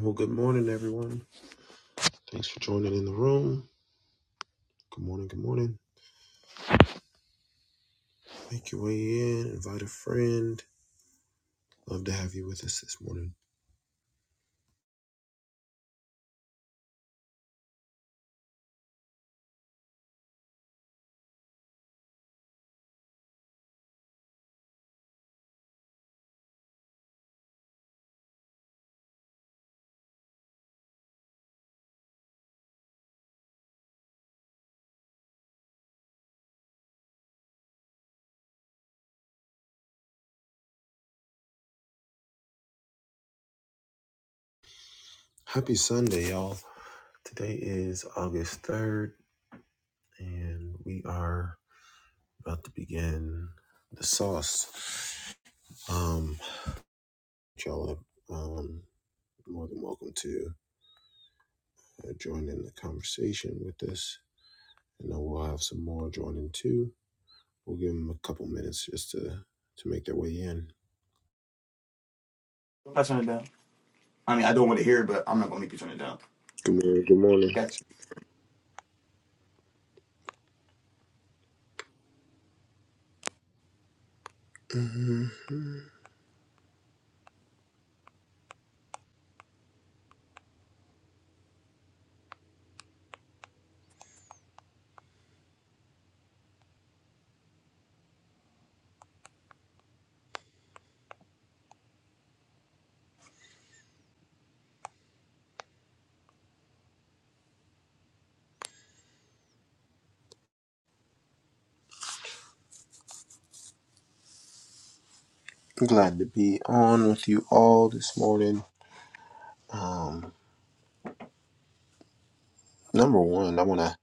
Well, good morning, everyone. Thanks for joining in the room. Good morning, good morning. Make your way in, invite a friend. Love to have you with us this morning. Happy Sunday, y'all. Today is August 3rd, and we are about to begin the sauce. Um, y'all are um, more than welcome to uh, join in the conversation with us, and then we'll have some more joining too. We'll give them a couple minutes just to, to make their way in. I turn it down. I mean, I don't want to hear it, but I'm not gonna make you turn it down. Good morning, good morning. Gotcha. Mhm. Glad to be on with you all this morning. Um, number one, I want to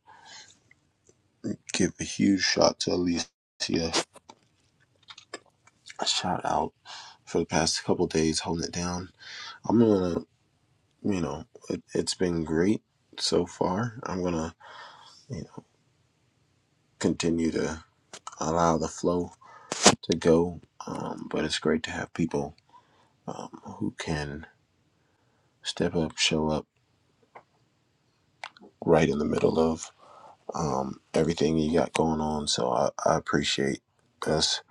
give a huge shout to Alicia. A shout out for the past couple days holding it down. I'm gonna, you know, it, it's been great so far. I'm gonna, you know, continue to allow the flow to go. Um, but it's great to have people um, who can step up, show up right in the middle of um, everything you got going on. So I, I appreciate us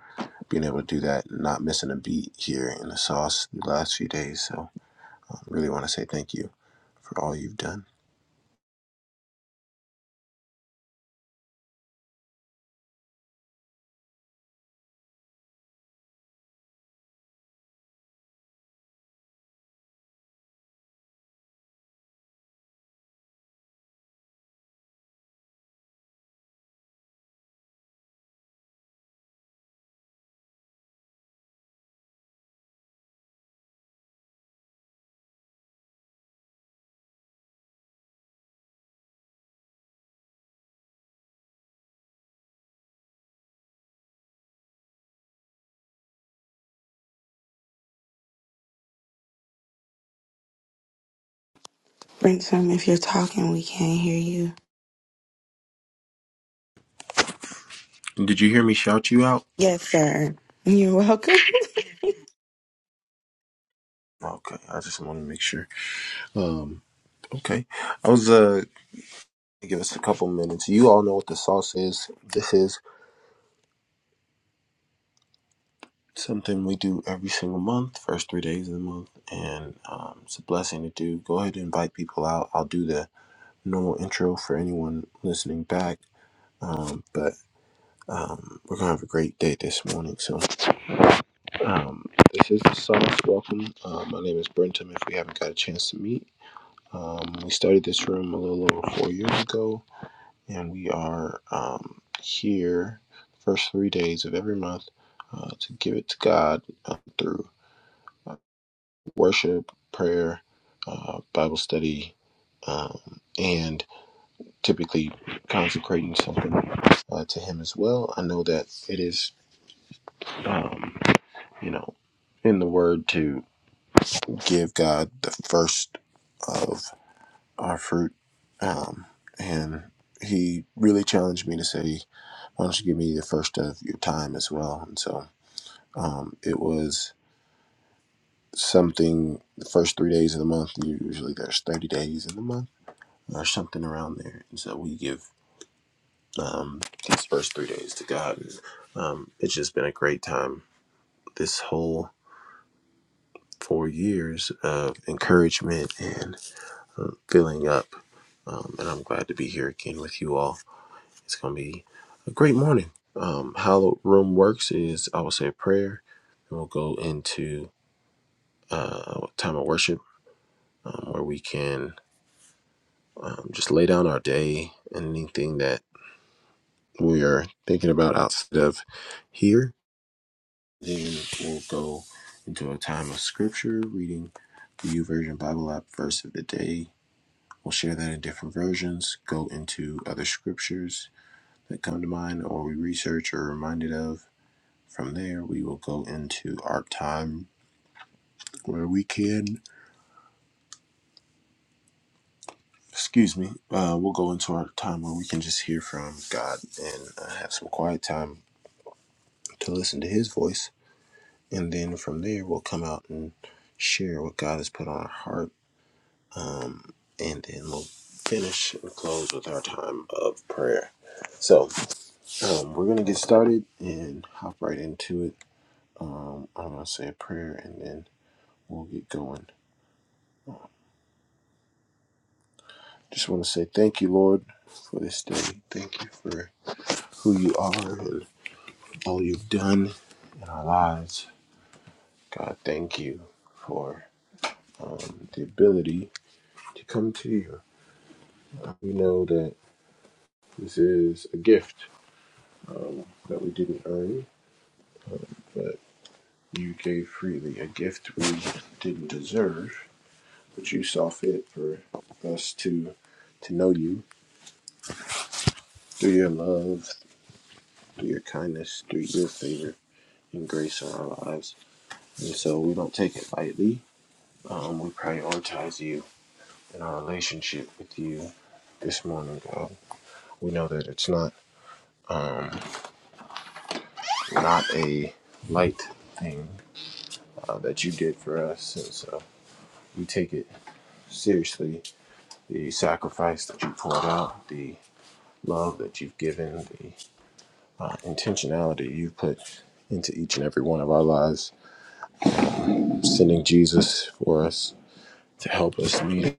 being able to do that, not missing a beat here in the sauce the last few days. So I really want to say thank you for all you've done. Brinson, if you're talking, we can't hear you. Did you hear me shout you out? Yes, sir. You're welcome. Okay, I just want to make sure. Um, okay, I was uh, give us a couple minutes. You all know what the sauce is. This is something we do every single month, first three days of the month, and um, it's a blessing to do. Go ahead and invite people out. I'll do the normal intro for anyone listening back. Um, but um, we're gonna have a great day this morning. So um, this is the sauce. Welcome. Uh, my name is Brentum. If we haven't got a chance to meet, um, we started this room a little over four years ago, and we are um, here the first three days of every month uh, to give it to God uh, through uh, worship, prayer, uh, Bible study. Um, and typically consecrating something uh, to Him as well. I know that it is, um, you know, in the Word to give God the first of our fruit, um, and He really challenged me to say, "Why don't you give me the first of your time as well?" And so um, it was something. The first three days of the month, usually there's thirty days in the month, or something around there, and so we give um, these first three days to God. And, um, it's just been a great time. This whole four years of encouragement and uh, filling up. Um, and I'm glad to be here again with you all. It's going to be a great morning. Um, how room works is I will say a prayer, and we'll go into uh, time of worship um, where we can um, just lay down our day and anything that we are thinking about outside of here Then we'll go into a time of scripture reading the U Version Bible app verse of the day. We'll share that in different versions, go into other scriptures that come to mind or we research or are reminded of. From there, we will go into our time where we can, excuse me, uh, we'll go into our time where we can just hear from God and uh, have some quiet time to listen to His voice. And then from there, we'll come out and share what God has put on our heart Um, and then we'll finish and close with our time of prayer. So um, we're going to get started and hop right into it. Um, I'm going to say a prayer and then we'll get going. Just want to say thank you, Lord, for this day. Thank you for who you are and all you've done in our lives. God, thank you for um, the ability to come to you. We know that this is a gift um, that we didn't earn, but You gave freely a gift we didn't deserve, but you saw fit for us to to know you through your love, through your kindness, through your favor and grace in our lives. And so we don't take it lightly. Um, we prioritize you in our relationship with you this morning, God. We know that it's not um, not a light thing uh, that you did for us, and so we take it seriously. The sacrifice that you poured out, the love that you've given, the uh, intentionality you've put into each and every one of our lives, sending Jesus for us to help us lead.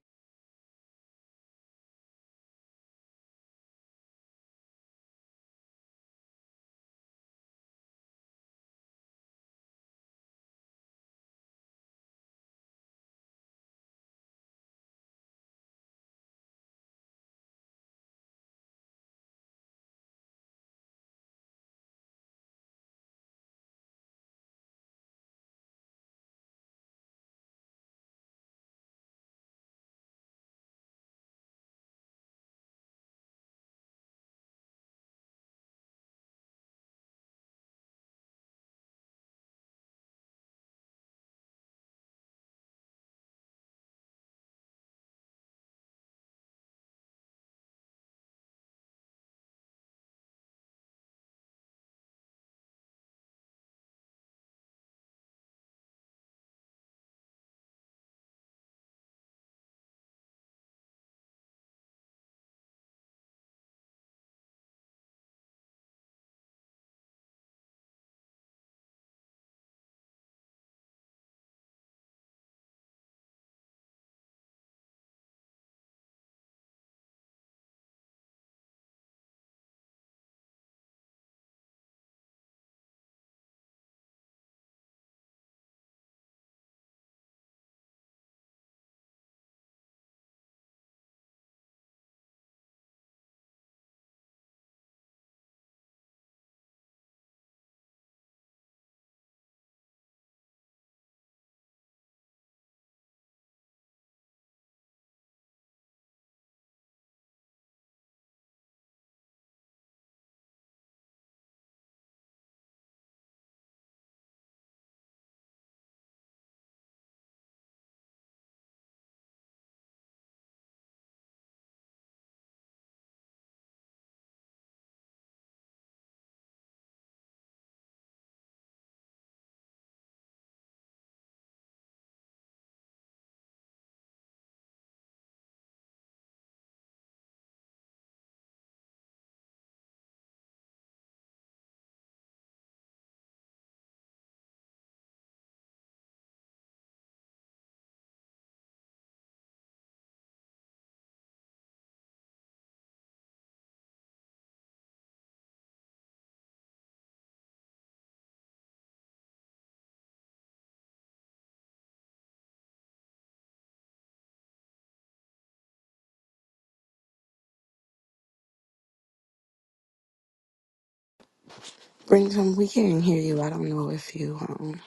Brinson, we can't hear you. I don't know if you um,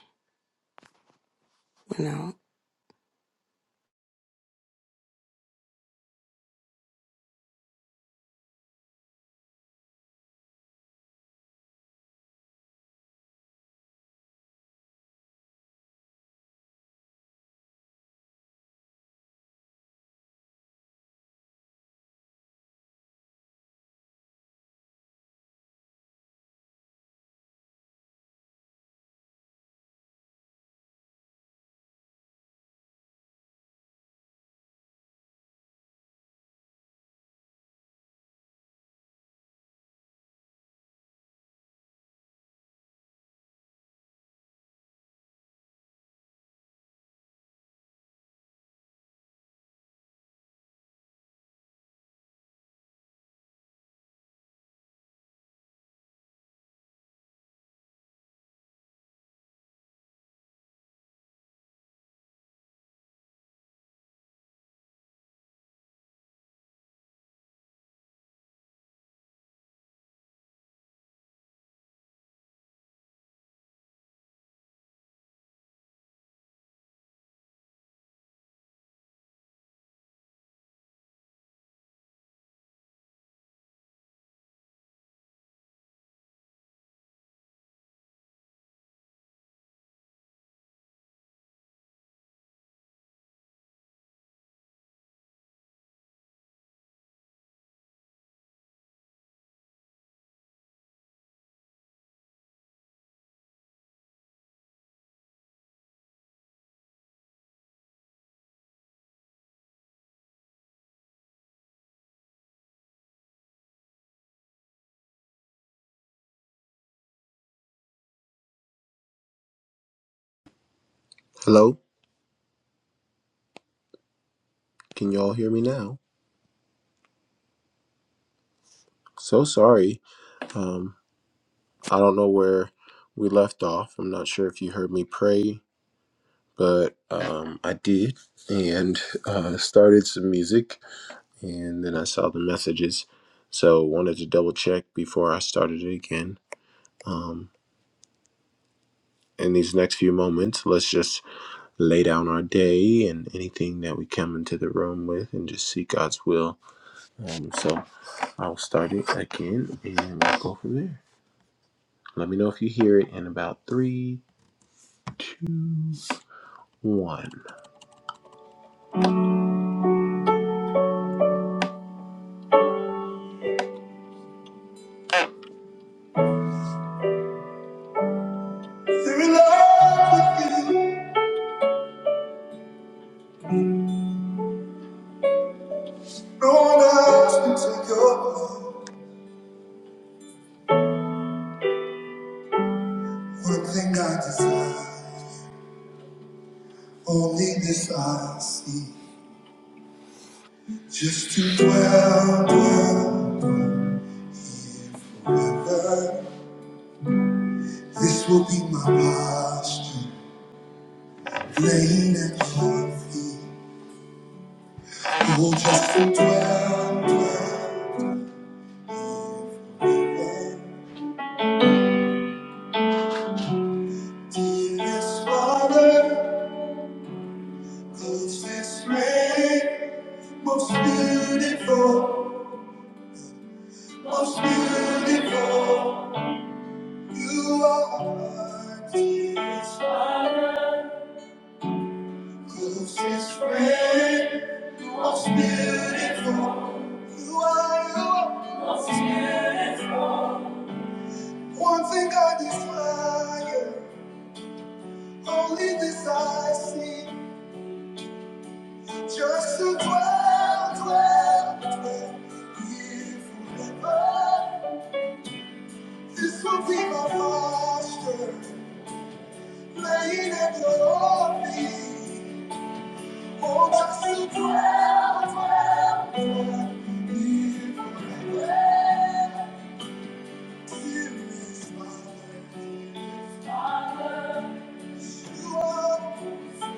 went out. Hello, can you all hear me now? So sorry. Um, I don't know where we left off. I'm not sure if you heard me pray, but um, I did and uh, started some music and then I saw the messages. So wanted to double check before I started it again. Um, in these next few moments, let's just lay down our day and anything that we come into the room with and just see God's will. Um, so I'll start it again and we'll go from there. Let me know if you hear it in about three, two, one. There is life within. No one else can take your place. One thing I desire, only this I see. Just to dwell, dwell, dwell. This will be my posture. Laying at your feet, oh, just to dwell. Dearest Father, closest friend, most beautiful, most beautiful. You are my dearest, closest friend, most beautiful. You are, you are. One thing I desire, only this I see. Just to dwell, dwell, dwell here forever. This will be my posture, laying at your feet. Oh, just to dwell, dwell, dwell here forever. Here is my life. You are my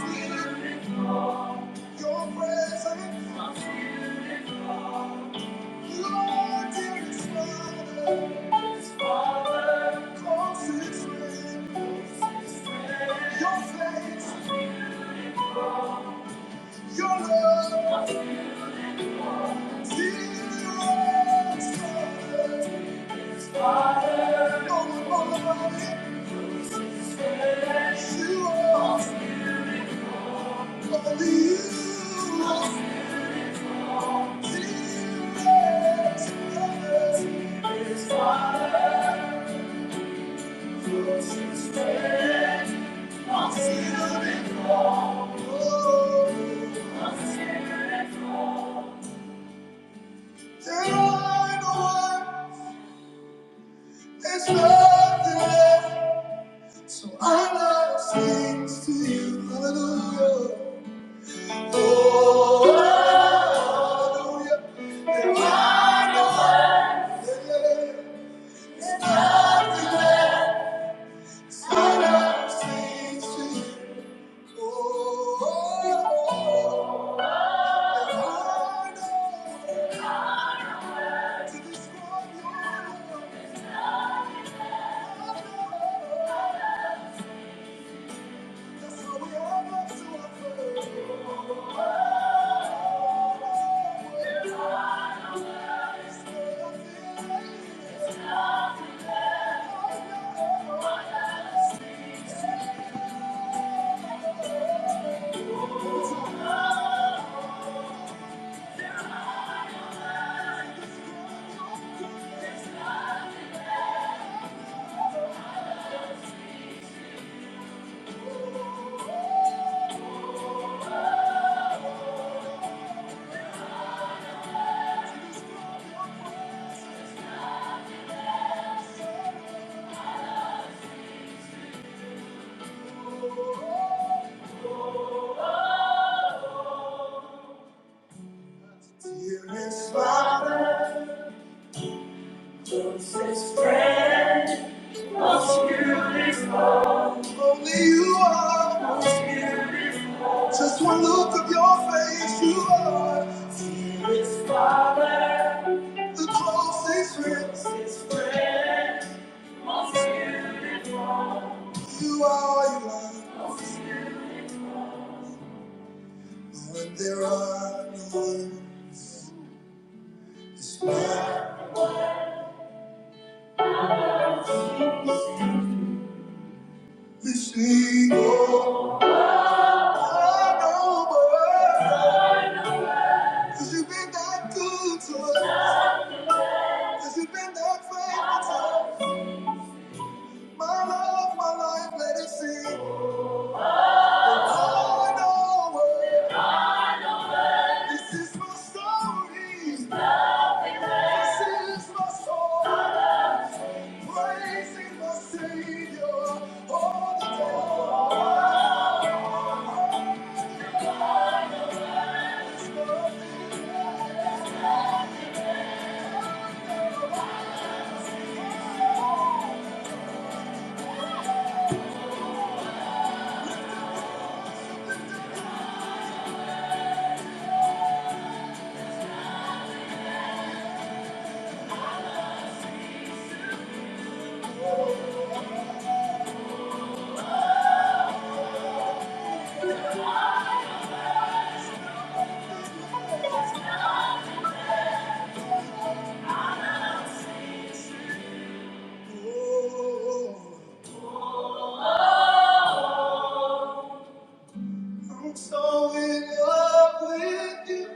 spirit, your presence. Father, I'm see Thank you. There are no words, there's nothing left. So I lost things to you, hallelujah. Oh, hallelujah. There are no words, there's nothing left. So I lost things to you. Oh, there are no words to describe your love. Dearest Father, closest friend, only you are. Just one look of your face, you are the closest friend. You are all you are. When there are no others, this single, I know but Cause you've been that good to us. you you've been that faithful to us. My love, my life, let it sing. The Lord, our word. This is my story. This is my song. Praising my Savior all the day. Oh, I'm so in love with you.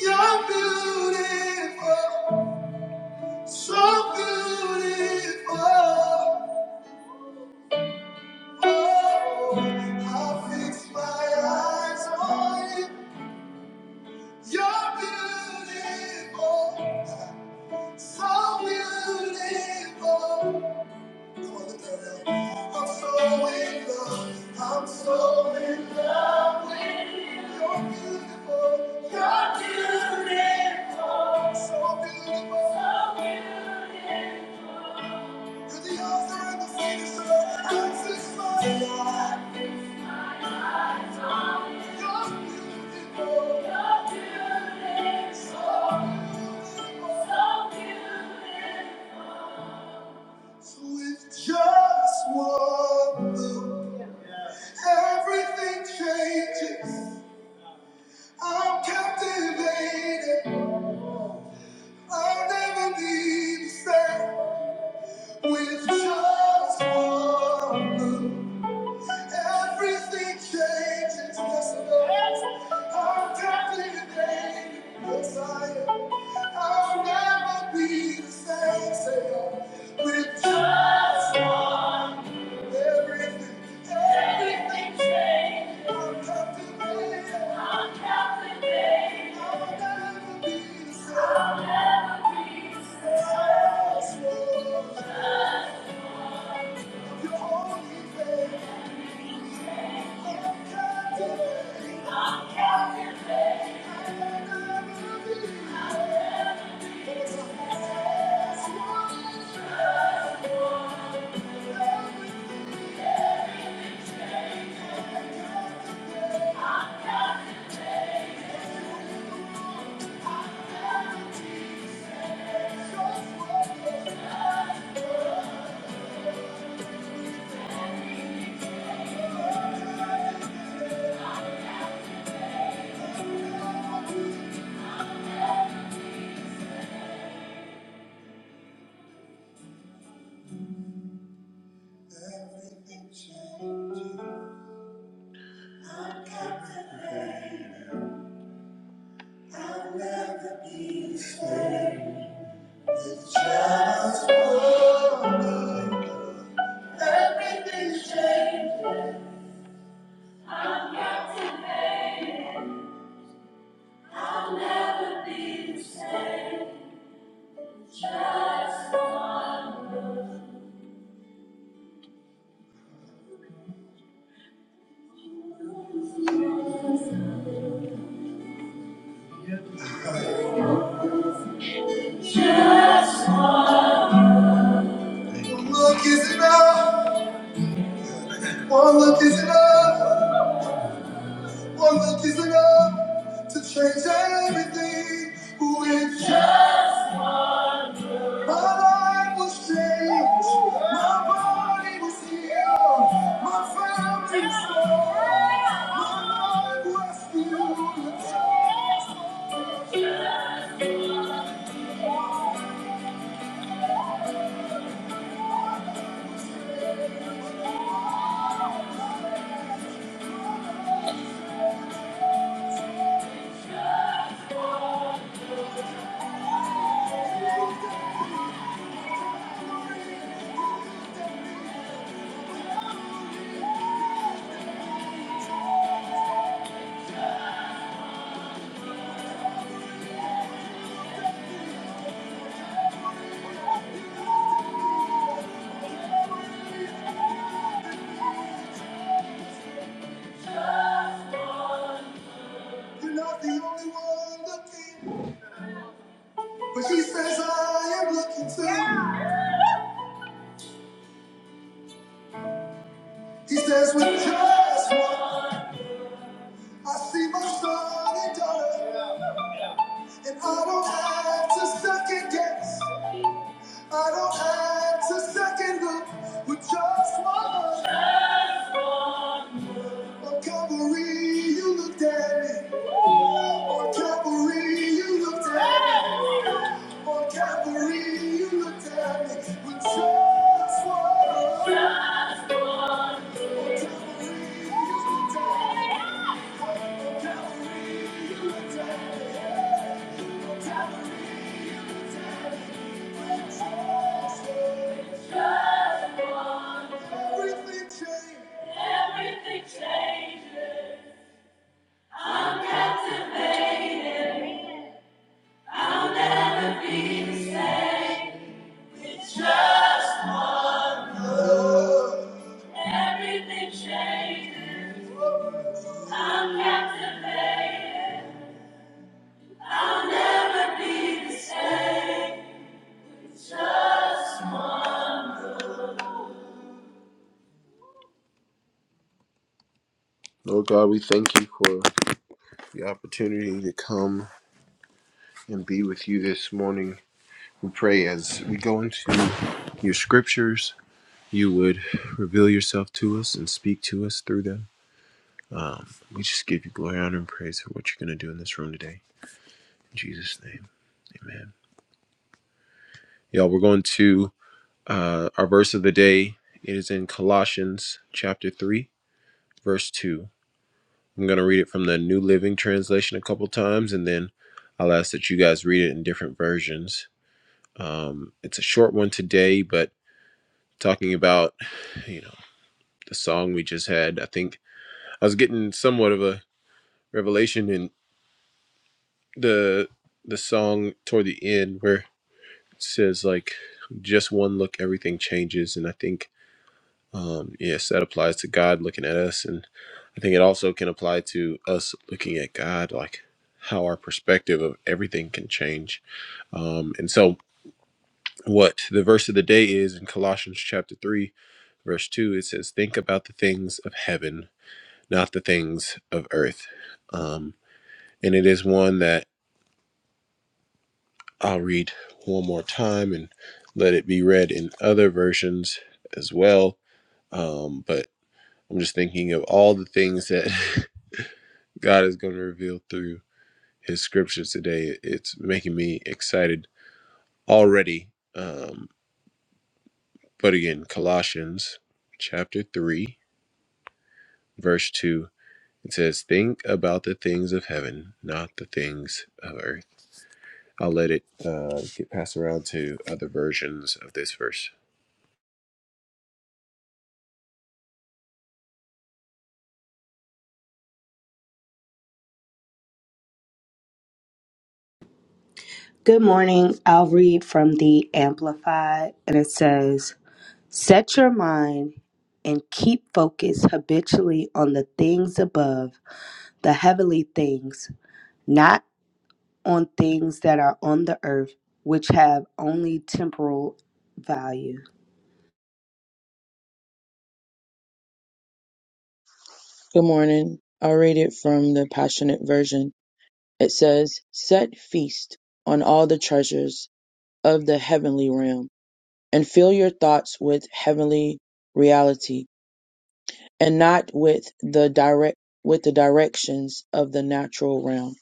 You're beautiful. So beautiful, oh, I fix my eyes on you. You're beautiful, so beautiful. Come on, look at that. I'm so in love, I'm so in love with you. You're beautiful, you're beautiful, so beautiful. You're the author and the finisher. I fix my eyes. So if just one look, everything changes. I'm captivated. I'll never be the same. With just one look. Everything changes, yes Lord. I'm captivated, yes I am. I'll never be the same, say I. With just everything, everything changes. I'm captivated, I'll never be the same. Yes, Lord, Your holy faith. I'm captivated, I'll never be the same. Just one Look is enough. One look is enough. One look is enough to change everything. With just my life was changed, my body was healed, my family was saved, my life was healed. You're not the only one looking, but he says I am looking too. He says with just one, I see my son and daughter, and I don't have to second guess. I don't have to second look with just one look. On Calvary, you looked at me. On Calvary, you looked at me. On Calvary, you looked at me with just one look. On Calvary, you looked at me. On Calvary, you looked at me. On Calvary, you looked at me with just one look. Just one Everything changes. Everything changes. I'm captivated. I'll never be the same. It's just my love. Everything changes. I'm captivated. I'll never be the same. It's just my love. Lord God, we thank you for the opportunity to come and be with you this morning. We pray as we go into your scriptures you would reveal yourself to us and speak to us through them. Um, we just give you glory, honor, and praise for what you're going to do in this room today. In Jesus' name, amen. Y'all, we're going to uh, our verse of the day. It is in Colossians chapter 3, verse 2. I'm going to read it from the New Living Translation a couple times, and then I'll ask that you guys read it in different versions. Um, it's a short one today, but talking about, you know, the song we just had, I think I was getting somewhat of a Revelation and the the song toward the end where it says like just one look everything changes and I think um yes that applies to God looking at us and I think it also can apply to us looking at God like how our perspective of everything can change. Um and so what the verse of the day is in Colossians chapter 3 verse 2 it says think about the things of heaven not the things of earth. Um and it is one that I'll read one more time and let it be read in other versions as well. Um, but I'm just thinking of all the things that God is going to reveal through his scriptures today. It's making me excited already. Um, but again, Colossians chapter 3, verse 2, it says, Think about the things of heaven, not the things of earth. I'll let it uh, get passed around to other versions of this verse. Good morning. I'll read from the Amplified, and it says, Set your mind and keep focus habitually on the things above, the heavenly things, not on things that are on the earth, which have only temporal value. Good morning. I'll read it from the Passionate Version. It says, Set feast on all the treasures of the heavenly realm, and fill your thoughts with heavenly reality, and not with the direct with the directions of the natural realm.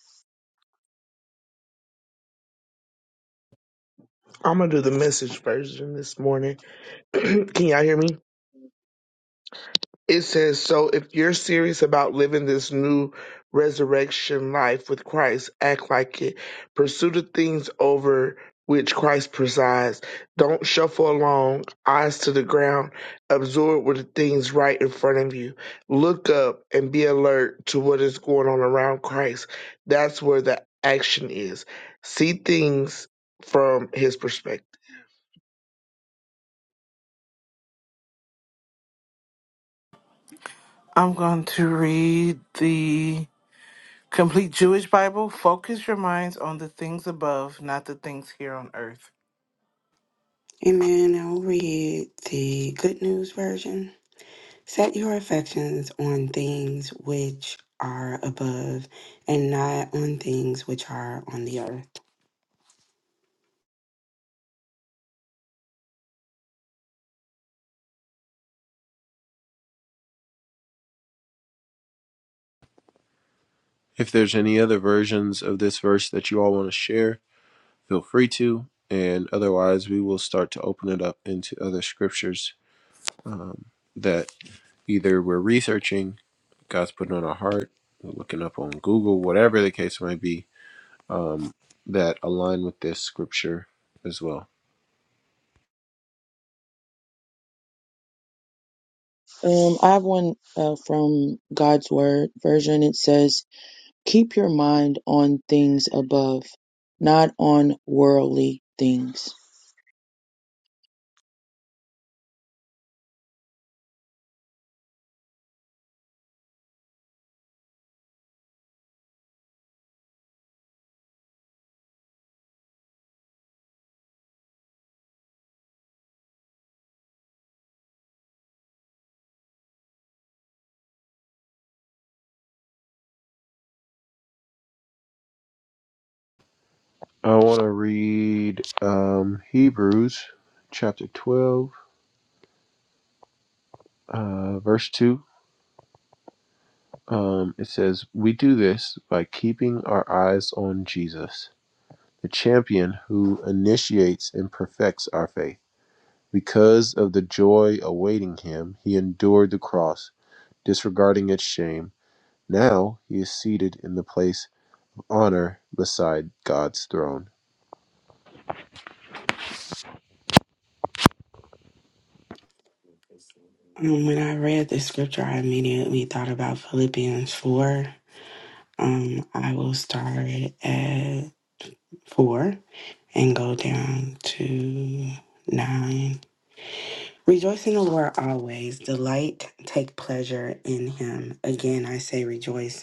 I'm gonna do the message version this morning. Can y'all hear me? It says, So if you're serious about living this new resurrection life with Christ, act like it. Pursue the things over which Christ presides. Don't shuffle along, eyes to the ground. Absorb with the things right in front of you. Look up and be alert to what is going on around Christ. That's where the action is. See things from his perspective. I'm going to read the Complete Jewish Bible. Focus your minds on the things above, not the things here on earth. Amen. I'll read the Good News Version. Set your affections on things which are above and not on things which are on the earth. If there's any other versions of this verse that you all want to share, feel free to. And otherwise, we will start to open it up into other scriptures um, that either we're researching, God's putting on our heart, we're looking up on Google, whatever the case might be, um, that align with this scripture as well. Um, I have one uh, from God's Word version. It says, "Keep your mind on things above, not on worldly things." I want to read um, Hebrews chapter 12, uh, verse 2. Um, it says, We do this by keeping our eyes on Jesus the champion who initiates and perfects our faith. Because of the joy awaiting him, he endured the cross, disregarding its shame. Now he is seated in the place of honor beside God's throne. Um, when I read the scripture, I immediately thought about Philippians 4. Um, I will start at 4. and go down to nine. Rejoice in the Lord always. Delight, take pleasure in him. Again, I say rejoice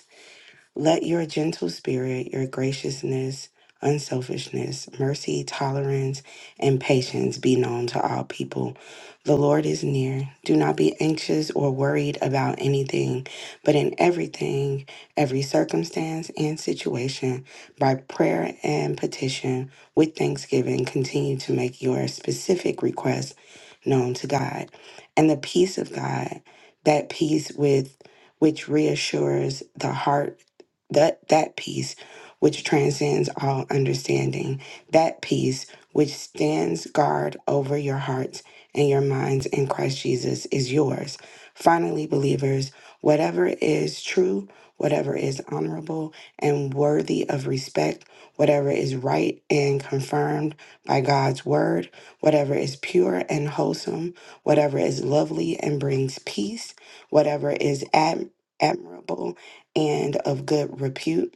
let your gentle spirit, your graciousness, unselfishness, mercy, tolerance, and patience be known to all people. The Lord is near. Do not be anxious or worried about anything, but in everything, every circumstance and situation, by prayer and petition, with thanksgiving, continue to make your specific requests known to God. And the peace of God, that peace with which reassures the heart that that peace which transcends all understanding that peace which stands guard over your hearts and your minds in Christ Jesus is yours finally believers whatever is true whatever is honorable and worthy of respect whatever is right and confirmed by God's word whatever is pure and wholesome whatever is lovely and brings peace whatever is ad- admirable and of good repute.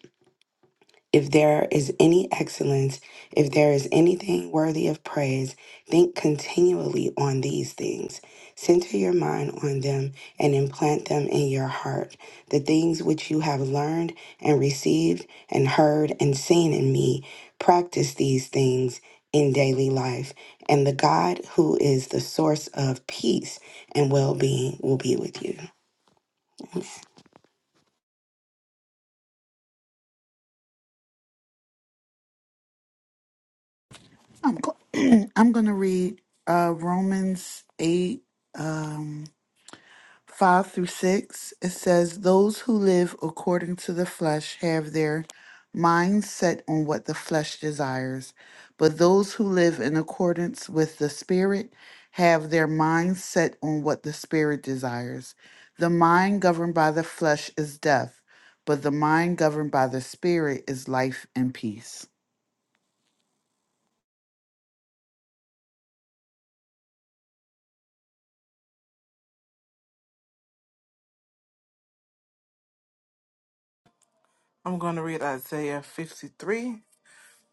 If there is any excellence, if there is anything worthy of praise, think continually on these things. Center your mind on them and implant them in your heart. The things which you have learned and received and heard and seen in me, practice these things in daily life. And the God who is the source of peace and well being will be with you. I'm go- I'm gonna read uh Romans eight. 5 through 6, it says, Those who live according to the flesh have their minds set on what the flesh desires, but those who live in accordance with the Spirit have their minds set on what the Spirit desires. The mind governed by the flesh is death, but the mind governed by the Spirit is life and peace. I'm going to read Isaiah 53,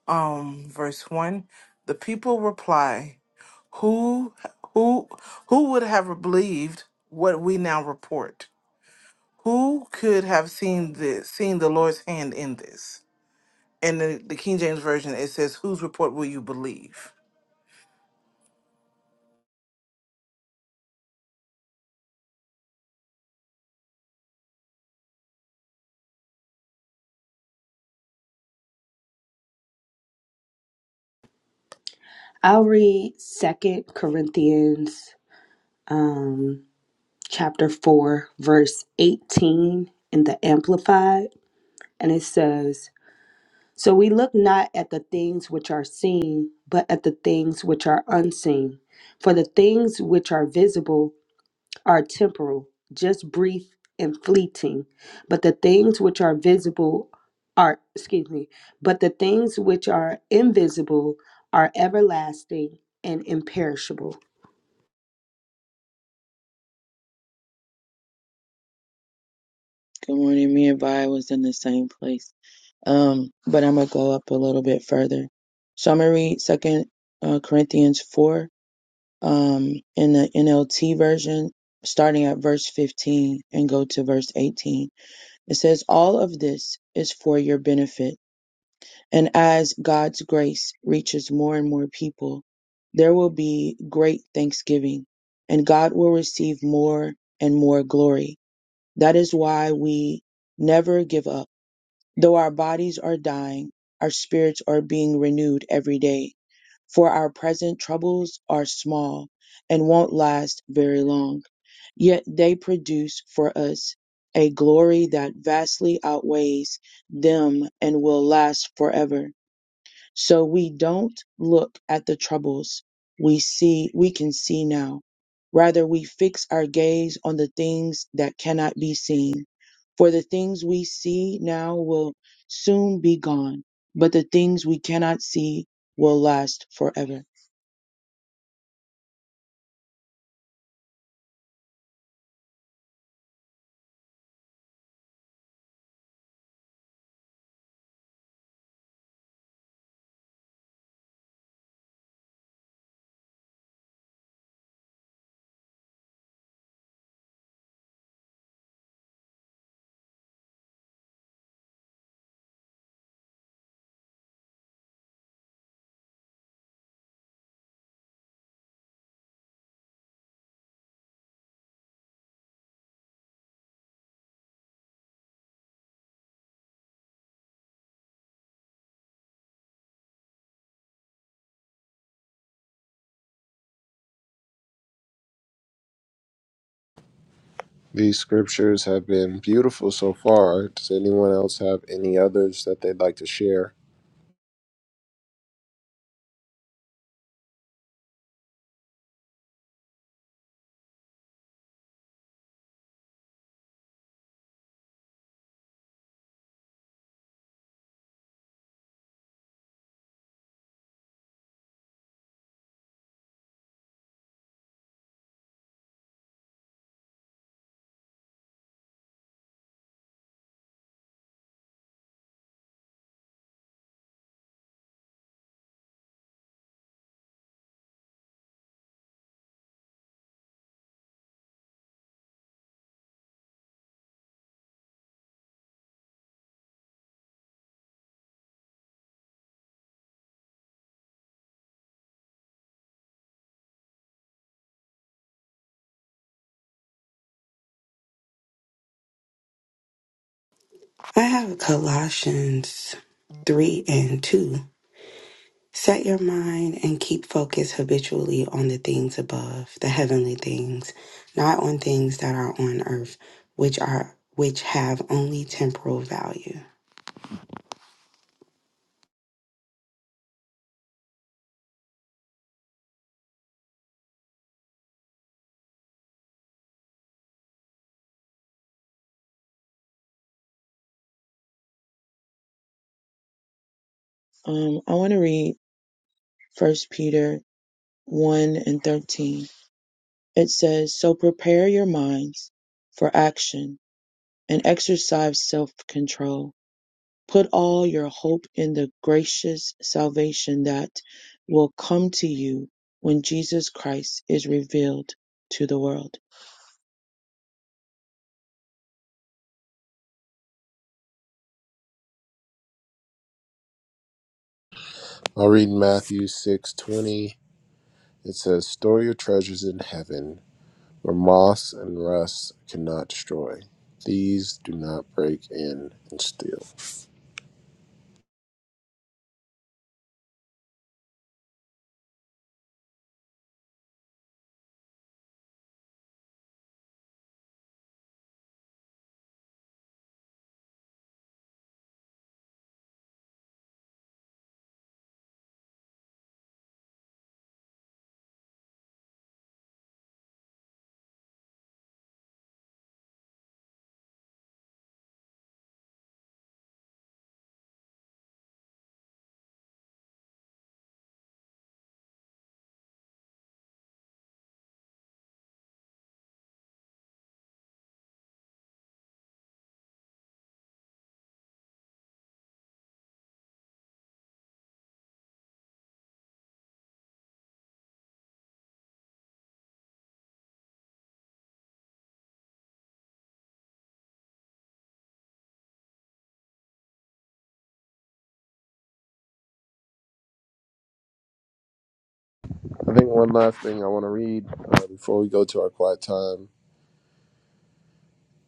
um, verse 1. The people reply, Who who who would have believed what we now report? Who could have seen this seen the Lord's hand in this? In the, the King James Version it says, Whose report will you believe? I'll read Second Corinthians um, chapter 4, verse 18 in the Amplified, and it says, So we look not at the things which are seen, but at the things which are unseen. For the things which are visible are temporal, just brief and fleeting, but the things which are visible are, excuse me, but the things which are invisible are everlasting and imperishable. Good morning. Me and Vi was in the same place. Um, but I'm gonna go up a little bit further. So I'm gonna read Second uh, Corinthians four um, in the NLT version, starting at verse 15 and go to verse 18. It says, "All of this is for your benefit, and as God's grace reaches more and more people, there will be great thanksgiving, and God will receive more and more glory. That is why we." Never give up Though our bodies are dying, our spirits are being renewed every day. For our present troubles are small and won't last very long, yet they produce for us a glory that vastly outweighs them and will last forever. So we don't look at the troubles we see we can see now. Rather we fix our gaze on the things that cannot be seen. For the things we see now will soon be gone, but the things we cannot see will last forever. These scriptures have been beautiful so far. Does anyone else have any others that they'd like to share? I have Colossians 3 and 2. Set your mind and keep focus habitually on the things above, the heavenly things, not on things that are on earth, which are which have only temporal value. Um I want to read first Peter one and thirteen. It says, So prepare your minds for action and exercise self control Put all your hope in the gracious salvation that will come to you when Jesus Christ is revealed to the world. I'll read Matthew 6:20. It says, "Store your treasures in heaven, where moss and rust cannot destroy. these do not break in and steal. I think one last thing I want to read uh, before we go to our quiet time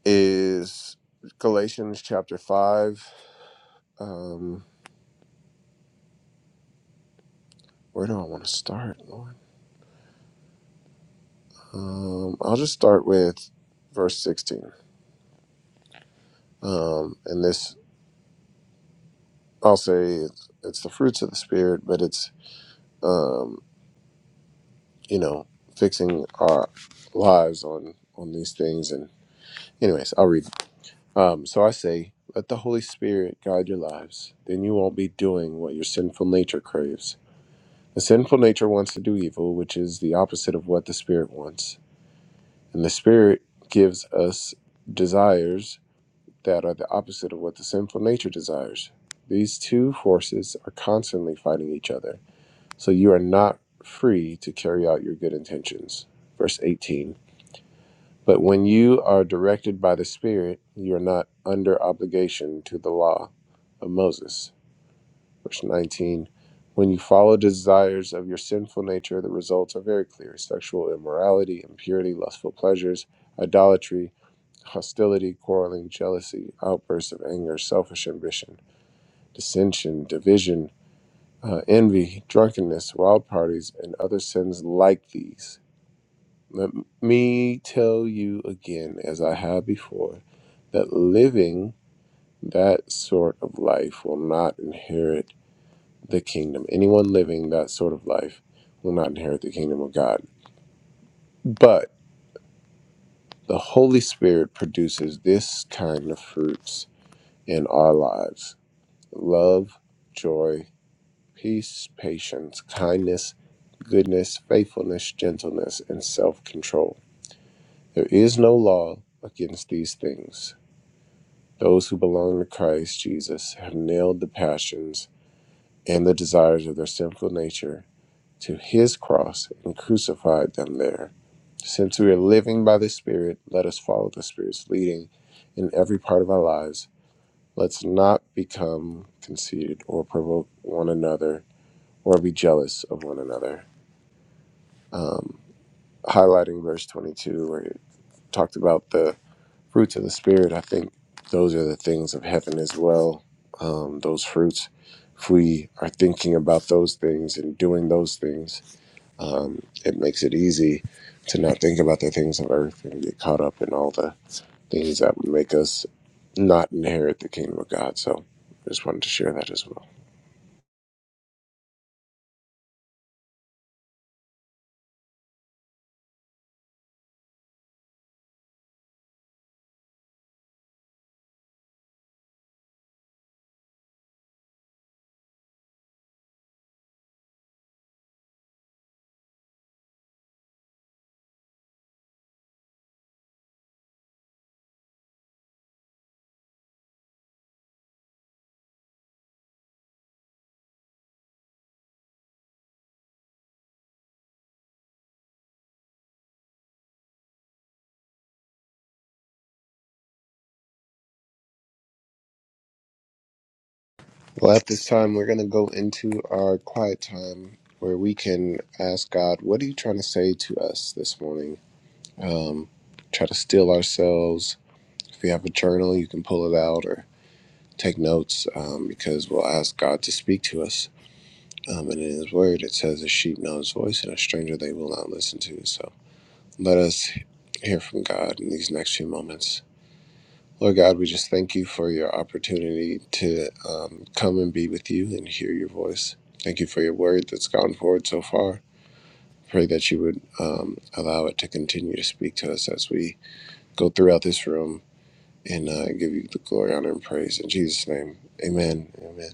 is Galatians chapter 5. Um, where do I want to start, Lord? Um, I'll just start with verse 16. Um, and this, I'll say it's, it's the fruits of the Spirit, but it's, um, you know, fixing our lives on on these things and anyways i'll read it Um, so I say, let the Holy Spirit guide your lives. Then you won't be doing what your sinful nature craves. The sinful nature wants to do evil, which is the opposite of what the Spirit wants. And the Spirit gives us desires that are the opposite of what the sinful nature desires. These two forces are constantly fighting each other. So you are not free to carry out your good intentions. Verse 18. But when you are directed by the Spirit, you are not under obligation to the law of Moses. Verse 19 When you follow desires of your sinful nature, the results are very clear sexual immorality, impurity, lustful pleasures, idolatry, hostility, quarreling, jealousy, outbursts of anger, selfish ambition, dissension, division, uh, envy, drunkenness, wild parties, and other sins like these let me tell you again, as I have before, that living that sort of life will not inherit the kingdom. Anyone living that sort of life will not inherit the kingdom of God. But the Holy Spirit produces this kind of fruits in our lives love, joy, peace, patience, kindness, goodness, faithfulness, gentleness, and self control. There is no law against these things. Those who belong to Christ Jesus have nailed the passions and the desires of their sinful nature to his cross and crucified them there. Since we are living by the Spirit, let us follow the Spirit's leading in every part of our lives. Let's not become conceited or provoke one another or be jealous of one another. Um, highlighting verse 22, where it talked about the fruits of the spirit i think those are the things of heaven as well um, those fruits if we are thinking about those things and doing those things um, it makes it easy to not think about the things of earth and get caught up in all the things that would make us not inherit the kingdom of god so i just wanted to share that as well well at this time we're going to go into our quiet time where we can ask god what are you trying to say to us this morning um, try to still ourselves If you have a journal, you can pull it out or take notes um, because we'll ask God to speak to us. Um, and in His Word, it says, A sheep knows voice and a stranger they will not listen to. So let us hear from God in these next few moments. Lord God, we just thank you for your opportunity to um, come and be with you and hear your voice. Thank you for your word that's gone forward so far. Pray that you would um, allow it to continue to speak to us as we go throughout this room and uh, give you the glory, honor, and praise. In Jesus' name, amen. Amen.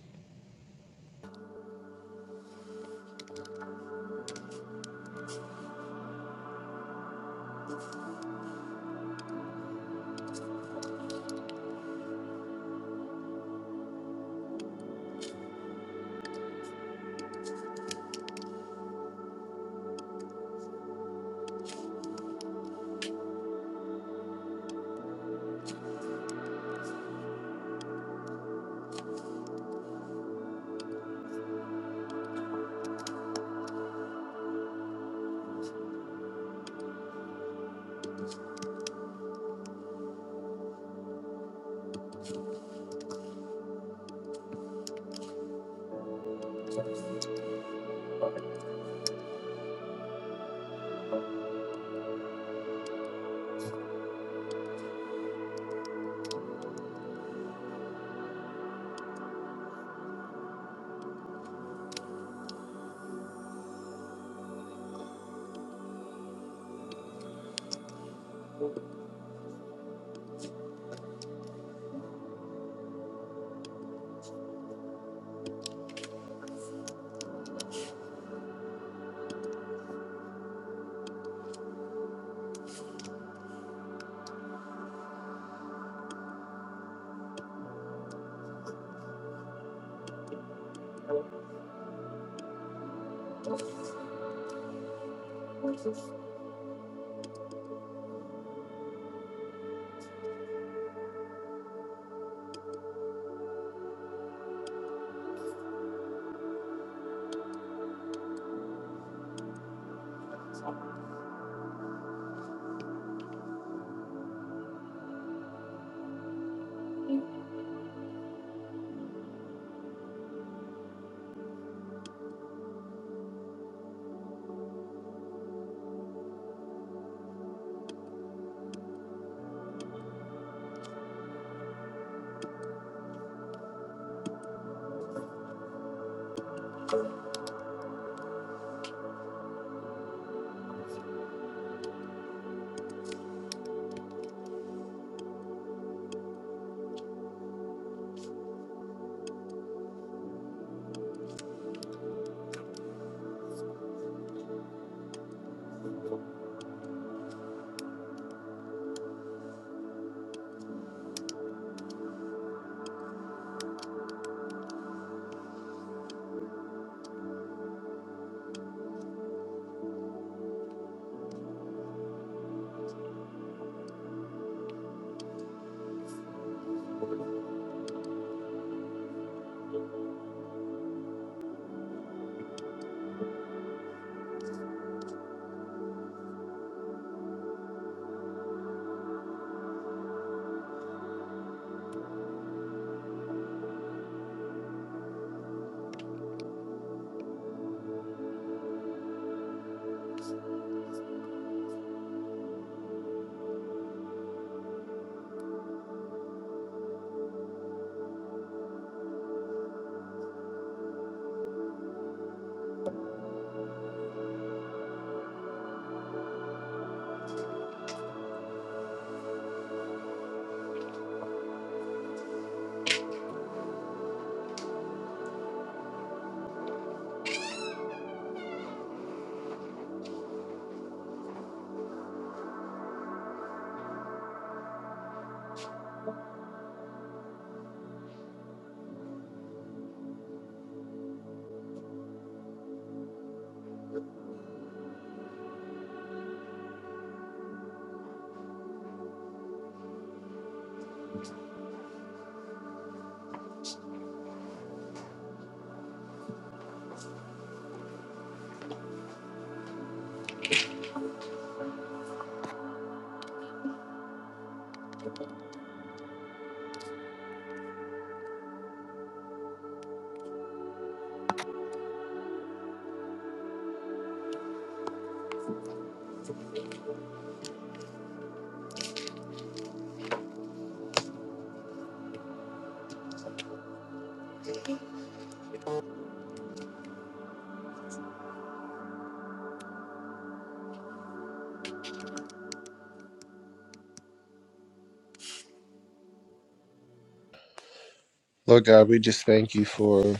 Lord God, we just thank you for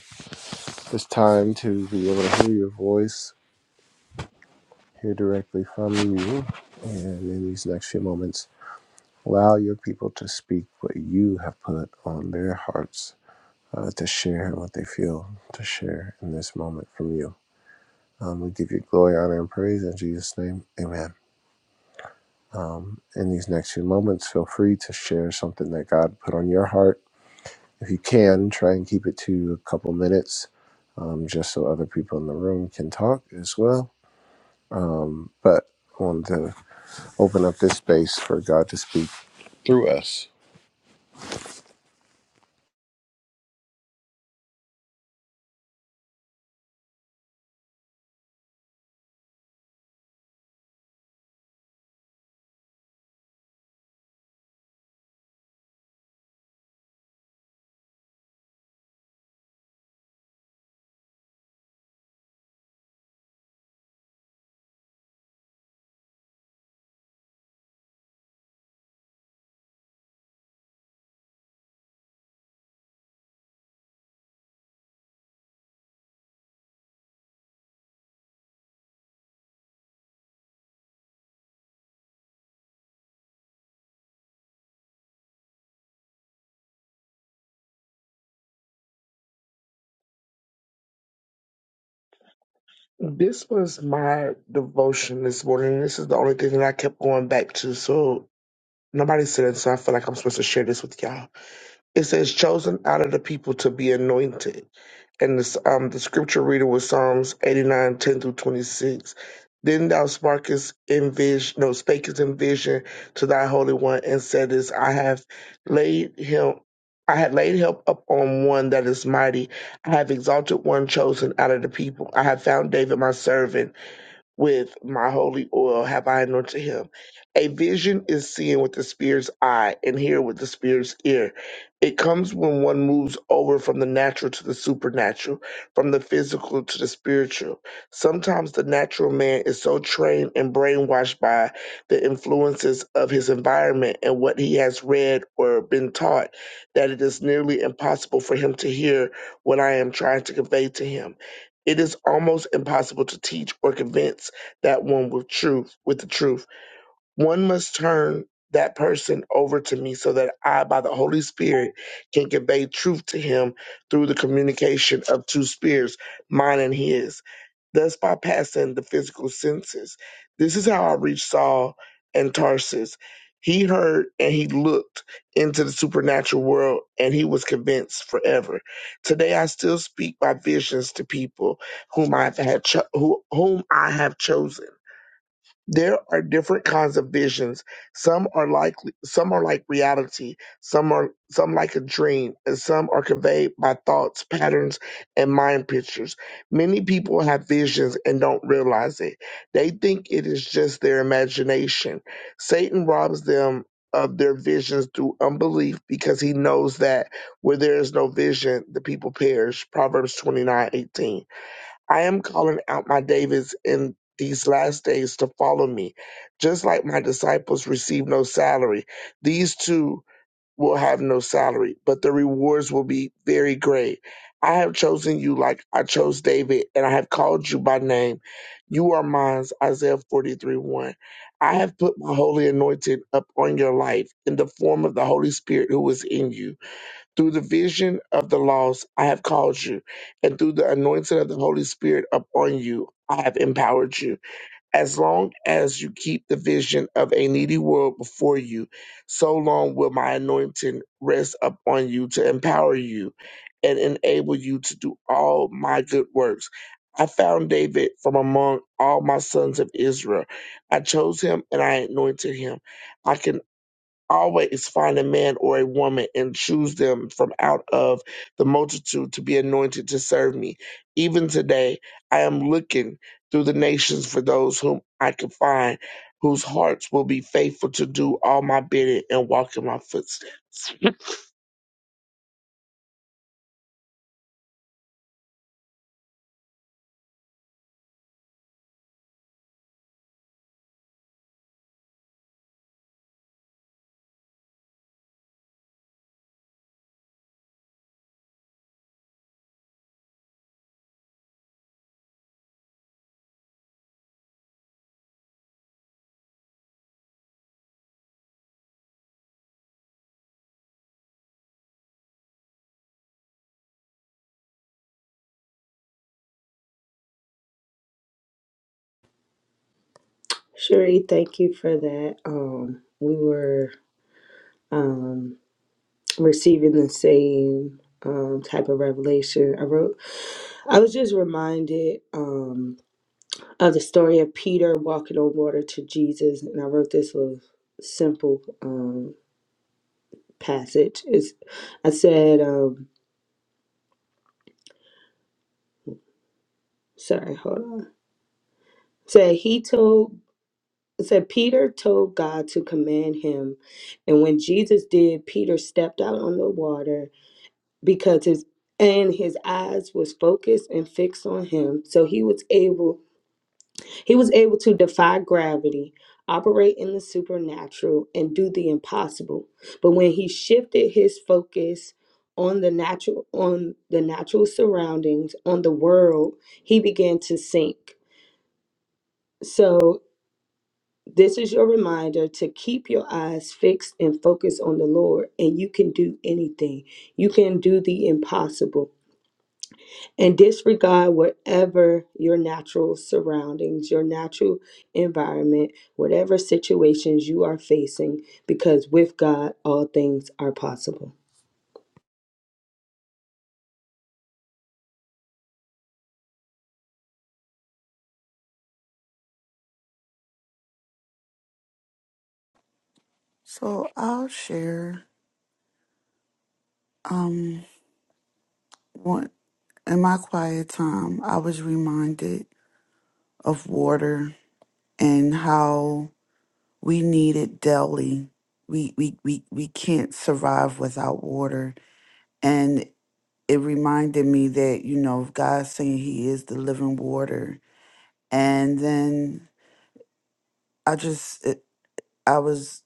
this time to be able to hear your voice, hear directly from you. And in these next few moments, allow your people to speak what you have put on their hearts uh, to share what they feel to share in this moment from you. Um, we give you glory, honor, and praise in Jesus' name. Amen. Um, in these next few moments, feel free to share something that God put on your heart If you can, try and keep it to a couple minutes, um, just so other people in the room can talk as well. Um, but I wanted to open up this space for God to speak through us. This was my devotion this morning. This is the only thing that I kept going back to. So nobody said it, so I feel like I'm supposed to share this with y'all. It says, "Chosen out of the people to be anointed," and this, um, the scripture reading was Psalms 89:10 through 26. Then thou sparkest in vision, no, spakest in vision to thy holy one, and saidest, "I have laid him." I had laid help upon one that is mighty. I have exalted one chosen out of the people. I have found David my servant with my holy oil have I anointed him. A vision is seen with the spirit's eye and hear with the spirit's ear. It comes when one moves over from the natural to the supernatural, from the physical to the spiritual. Sometimes the natural man is so trained and brainwashed by the influences of his environment and what he has read or been taught that it is nearly impossible for him to hear what I am trying to convey to him. It is almost impossible to teach or convince that one with truth with the truth one must turn that person over to me so that I, by the Holy Spirit, can convey truth to him through the communication of two spirits, mine and his, thus bypassing the physical senses. This is how I reached Saul and Tarsus. He heard and he looked into the supernatural world and he was convinced forever. Today I still speak by visions to people whom I have had cho- who, whom I have chosen there are different kinds of visions some are like some are like reality some are some like a dream and some are conveyed by thoughts patterns and mind pictures many people have visions and don't realize it they think it is just their imagination satan robs them of their visions through unbelief because he knows that where there is no vision the people perish proverbs twenty nine eighteen. I am calling out my Davids in these last days to follow me. Just like my disciples receive no salary, these two will have no salary, but the rewards will be very great. I have chosen you like I chose David, and I have called you by name. You are mine, Isaiah 43 1. I have put my holy anointing up on your life in the form of the Holy Spirit who is in you. Through the vision of the lost, I have called you, and through the anointing of the Holy Spirit upon you, I have empowered you. As long as you keep the vision of a needy world before you, so long will my anointing rest upon you to empower you and enable you to do all my good works. I found David from among all my sons of Israel. I chose him and I anointed him. I can always find a man or a woman and choose them from out of the multitude to be anointed to serve me. Even today, I am looking through the nations for those whom I can find, whose hearts will be faithful to do all my bidding and walk in my footsteps. Sheree, thank you for that. Um, we were um, receiving the same um, type of revelation. I wrote. I was just reminded um, of the story of Peter walking on water to Jesus, and I wrote this little simple um, passage. It's, I said, um, sorry, hold on. Said he told, said Peter told God to command him, and when Jesus did, Peter stepped out on the water because his and his eyes was focused and fixed on him, so he was able He was able to defy gravity, operate in the supernatural, and do the impossible. But when he shifted his focus on the natural on the natural surroundings, on the world, he began to sink. So this is your reminder to keep your eyes fixed and focused on the Lord, and you can do anything. You can do the impossible. and disregard whatever your natural surroundings, your natural environment, whatever situations you are facing, because with God, all things are possible. So I'll share um, one, in my quiet time, I was reminded of water and how we need it daily. We, we, we, we can't survive without water. And it reminded me that, you know, God saying He is the living water. And then I just, it, I was,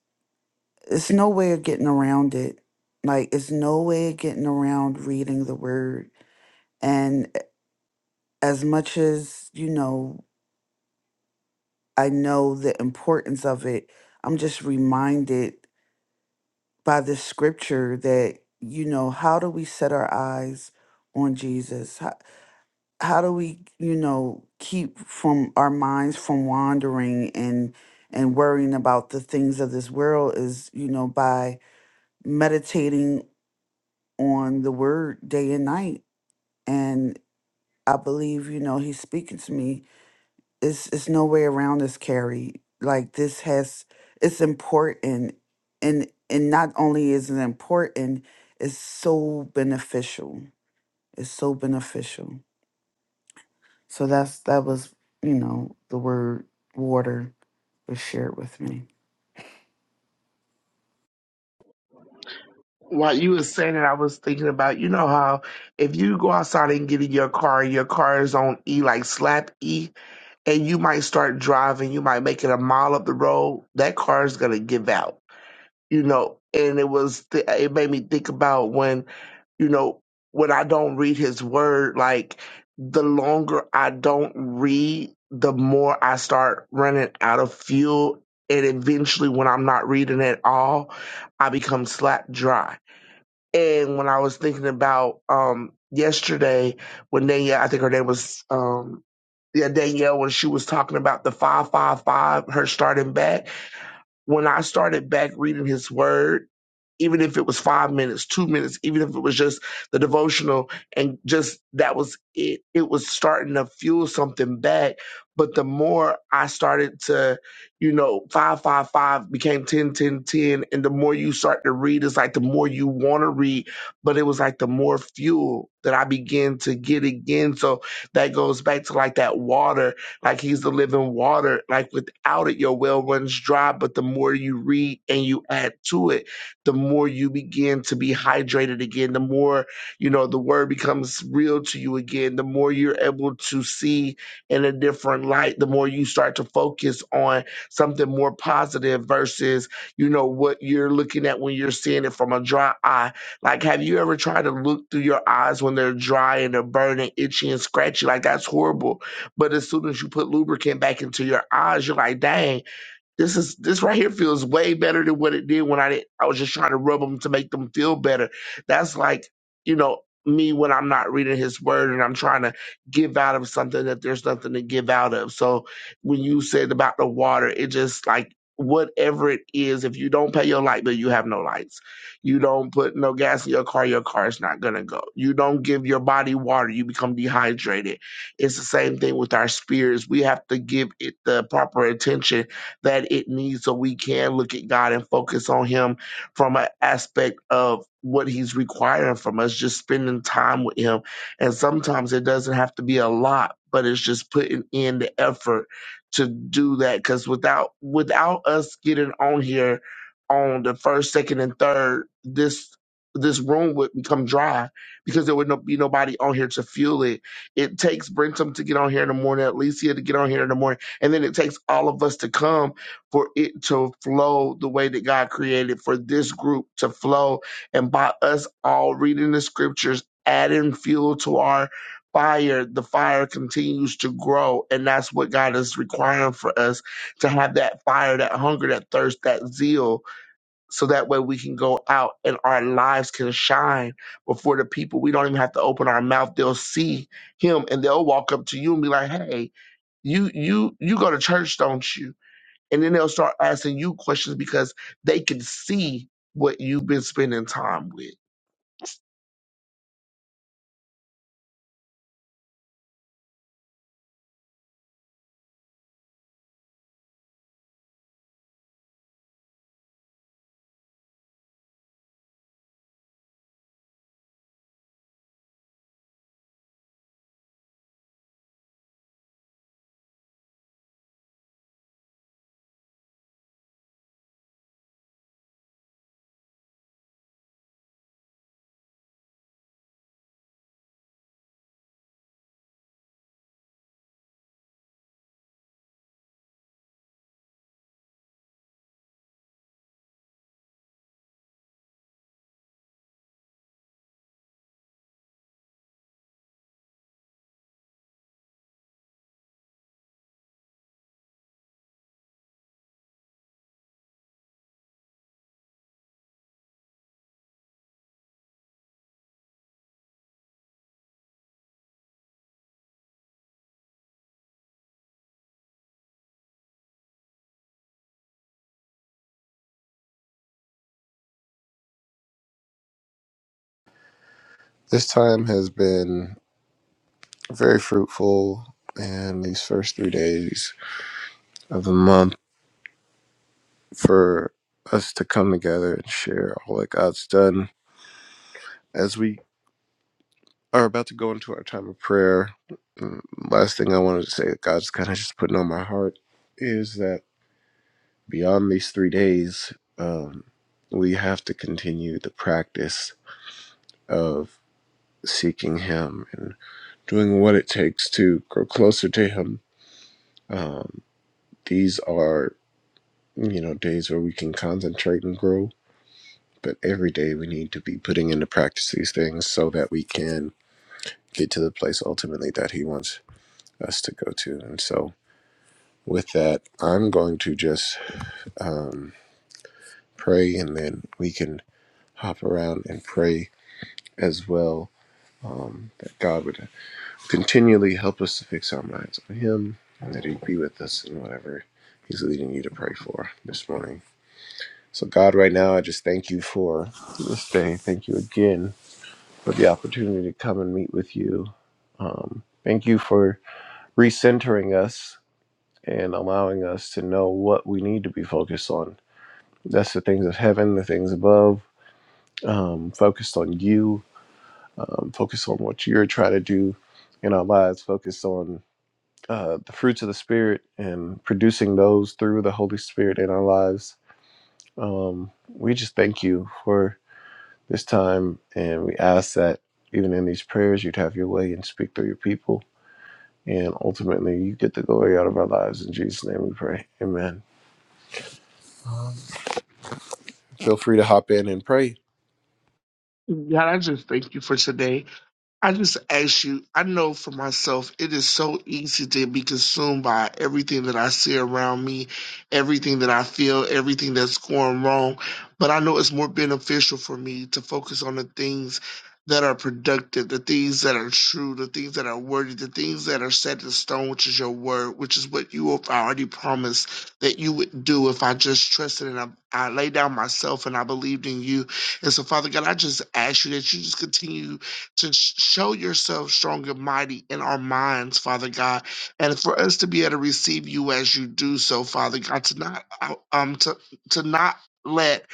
it's no way of getting around it. Like, it's no way of getting around reading the word. And as much as, you know, I know the importance of it, I'm just reminded by this scripture that you know how do we set our eyes on jesus how, how do we you know keep from our minds from wandering and and worrying about the things of this world is you know by meditating on the word day and night and i believe you know he's speaking to me it's it's no way around this carrie like this has it's important and and not only is it important it's so beneficial it's so beneficial so that's that was you know the word water was shared with me While you were saying it, I was thinking about, you know how if you go outside and get in your car and your car is on E, like slap E, and you might start driving, you might make it a mile up the road, that car is going to give out you know, and it was th- it made me think about when you know when I don't read His Word, like the longer I don't read, the more I start running out of fuel, and eventually, when I'm not reading at all, I become slap dry. And when I was thinking about um yesterday, when Danielle, I think her name was um yeah, Danielle, when she was talking about the 555, her starting back, when I started back reading his word even if it was five minutes, two minutes, even if it was just the devotional and just that was it, it was starting to fuel something back. But the more I started to, you know, 555 became 10, 10, 10, And the more you start to read, it's like the more you want to read. But it was like the more fuel that I began to get again. So that goes back to like that water, like he's the living water. Like without it, your well runs dry. But the more you read and you add to it, the more you begin to be hydrated again, the more, you know, the word becomes real to you again, the more you're able to see in a different light, the more you start to focus on something more positive versus, you know, what you're looking at when you're seeing it from a dry eye. Like, have you ever tried to look through your eyes when they're dry and they're burning, itchy, and scratchy? Like, that's horrible. But as soon as you put lubricant back into your eyes, you're like, dang this is this right here feels way better than what it did when I did, I was just trying to rub them to make them feel better. That's like you know me when I'm not reading His Word and I'm trying to give out of something that there's nothing to give out of. So when you said about the water, it just like whatever it is, if you don't pay your light bill, you have no lights. You don't put no gas in your car, your car is not gonna go. You don't give your body water, you become dehydrated. It's the same thing with our spirits. We have to give it the proper attention that it needs so we can look at God and focus on Him from an aspect of what He's requiring from us, just spending time with Him. And sometimes it doesn't have to be a lot, but it's just putting in the effort to do that. Because without without us getting on here on the first, second, and third, this this room would become dry because there would no, be nobody on here to fuel it. It takes Brentum to get on here in the morning, Alicia to get on here in the morning, and then it takes all of us to come for it to flow the way that God created for this group to flow. And by us all reading the scriptures, adding fuel to our fire, the fire continues to grow. And that's what God is requiring for us to have that fire, that hunger, that thirst, that zeal. So that way we can go out and our lives can shine before the people. We don't even have to open our mouth. They'll see him and they'll walk up to you and be like, Hey, you, you, you go to church, don't you? and then they'll start asking you questions because they can see what you've been spending time with. This time has been very fruitful, and these first three days of the month for us to come together and share all that God's done as we are about to go into our time of prayer. mm, Last thing I wanted to say that God's kind of just putting on my heart is that. Beyond these three days, um, we have to continue the practice of seeking Him and doing what it takes to grow closer to Him. Um, these are, you know, days where we can concentrate and grow, but every day we need to be putting into practice these things so that we can get to the place ultimately that He wants us to go to. And so, with that, I'm going to just um, pray and then we can hop around and pray as well um, that God would continually help us to fix our minds on Him and that He'd be with us in whatever He's leading you to pray for this morning. So, God, right now, I just thank you for this day. Thank you again for the opportunity to come and meet with you. Um, thank you for recentering us and allowing us to know what we need to be focused on. That's the things of heaven, the things above, um, focused on you, um, focused on what you're trying to do in our lives, focused on uh, the fruits of the Spirit and producing those through the Holy Spirit in our lives. Um, we just thank you for this time, and we ask that even in these prayers, you'd have your way and speak through your people. And ultimately, you get the glory out of our lives. In Jesus' name we pray. Amen. Feel free to hop in and pray. God, I just thank you for today. I just ask you, I know for myself, it is so easy to be consumed by everything that I see around me, everything that I feel, everything that's going wrong. But I know it's more beneficial for me to focus on the things that are productive, the things that are true, the things that are worthy, the things that are set in stone, which is your word, which is what you have already promised that you would do if I just trusted and I, I laid down myself and I believed in you. And so, Father God, I just ask you that you just continue to sh- show yourself strong and mighty in our minds, Father God, and for us to be able to receive you as you do so, Father God, to not out- um to to not let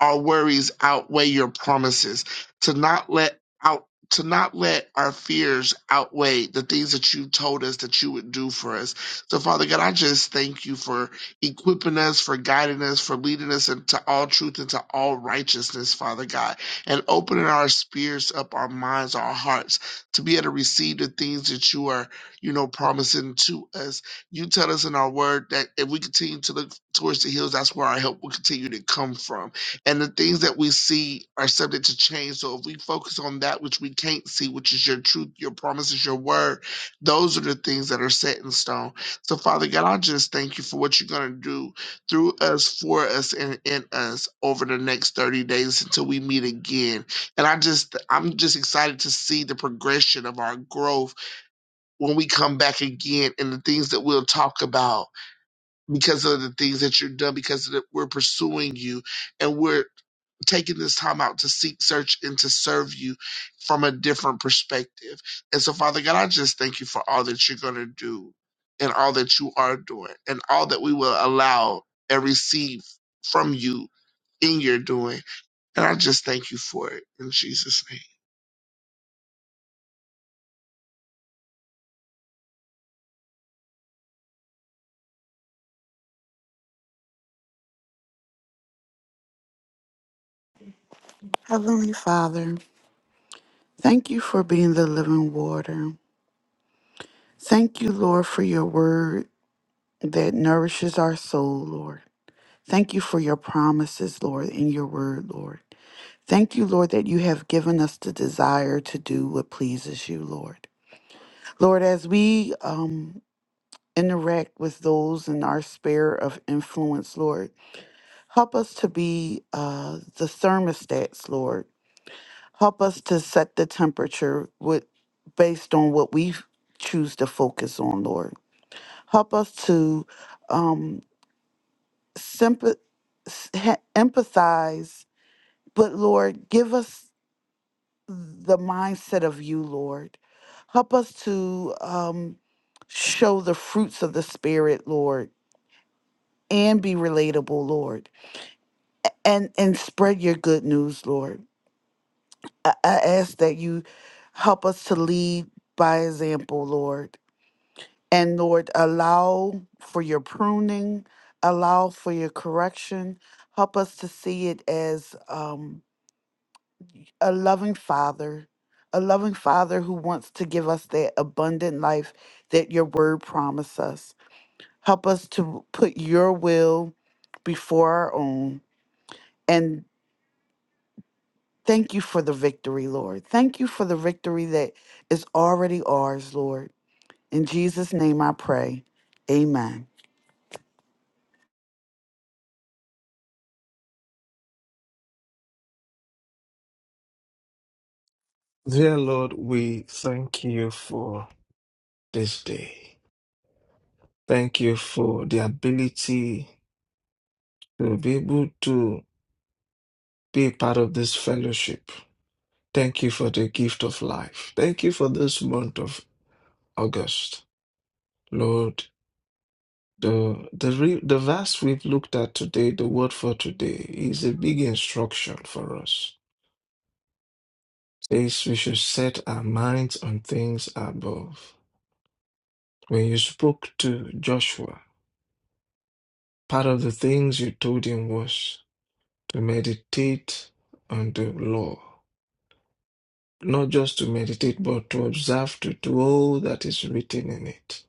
our worries outweigh your promises, to not let out to not let our fears outweigh the things that you told us that you would do for us. So Father God, I just thank you for equipping us, for guiding us, for leading us into all truth, into all righteousness, Father God and opening our spirits up, our minds, our hearts to be able to receive the things that you are, you know, promising to us. You tell us in our word that if we continue to look towards the hills, that's where our help will continue to come from. And the things that we see are subject to change. So if we focus on that which we can't see, which is your truth, your promises, your word, those are the things that are set in stone. So, Father God, I just thank you for what you're going to do through us, for us, and in us over the next 30 days until we meet again. And I just, I'm just excited to see the progression of our growth when we come back again and the things that we'll talk about because of the things that you're done, because of the, we're pursuing you and we're taking this time out to seek, search, and to serve you from a different perspective. And so, Father God, I just thank you for all that you're going to do and all that you are doing and all that we will allow and receive from you in your doing. And I just thank you for it in Jesus' heavenly father thank you for being the living water thank you lord for your word that nourishes our soul lord thank you for your promises lord in your word lord Thank you, Lord, that you have given us the desire to do what pleases you, Lord. Lord, as we um, interact with those in our sphere of influence, Lord, help us to be uh, the thermostats, Lord. Help us to set the temperature with, based on what we f- choose to focus on, Lord. Help us to um, sympath- s- ha- empathize, but Lord, give us the mindset of you, Lord. Help us to um, show the fruits of the Spirit, Lord, and be relatable, Lord, and and spread your good news, Lord. I, I ask that you help us to lead by example, Lord, and Lord, allow for your pruning, allow for your correction. Help us to see it as. um, a loving father, a loving father who wants to give us that abundant life that your word promised us. Help us to put your will before our own. And thank you for the victory, Lord. Thank you for the victory that is already ours, Lord. In Jesus' name I pray. Amen. Dear Lord, we thank you for this day. Thank you for the ability to be able to be a part of this fellowship. Thank you for the gift of life. Thank you for this month of August. Lord, the the re- the verse we've looked at today, the word for today, is a big instruction for us. Says we should set our minds on things above. When you spoke to Joshua, part of the things you told him was to meditate on the law. Not just to meditate, but to observe to do all that is written in it.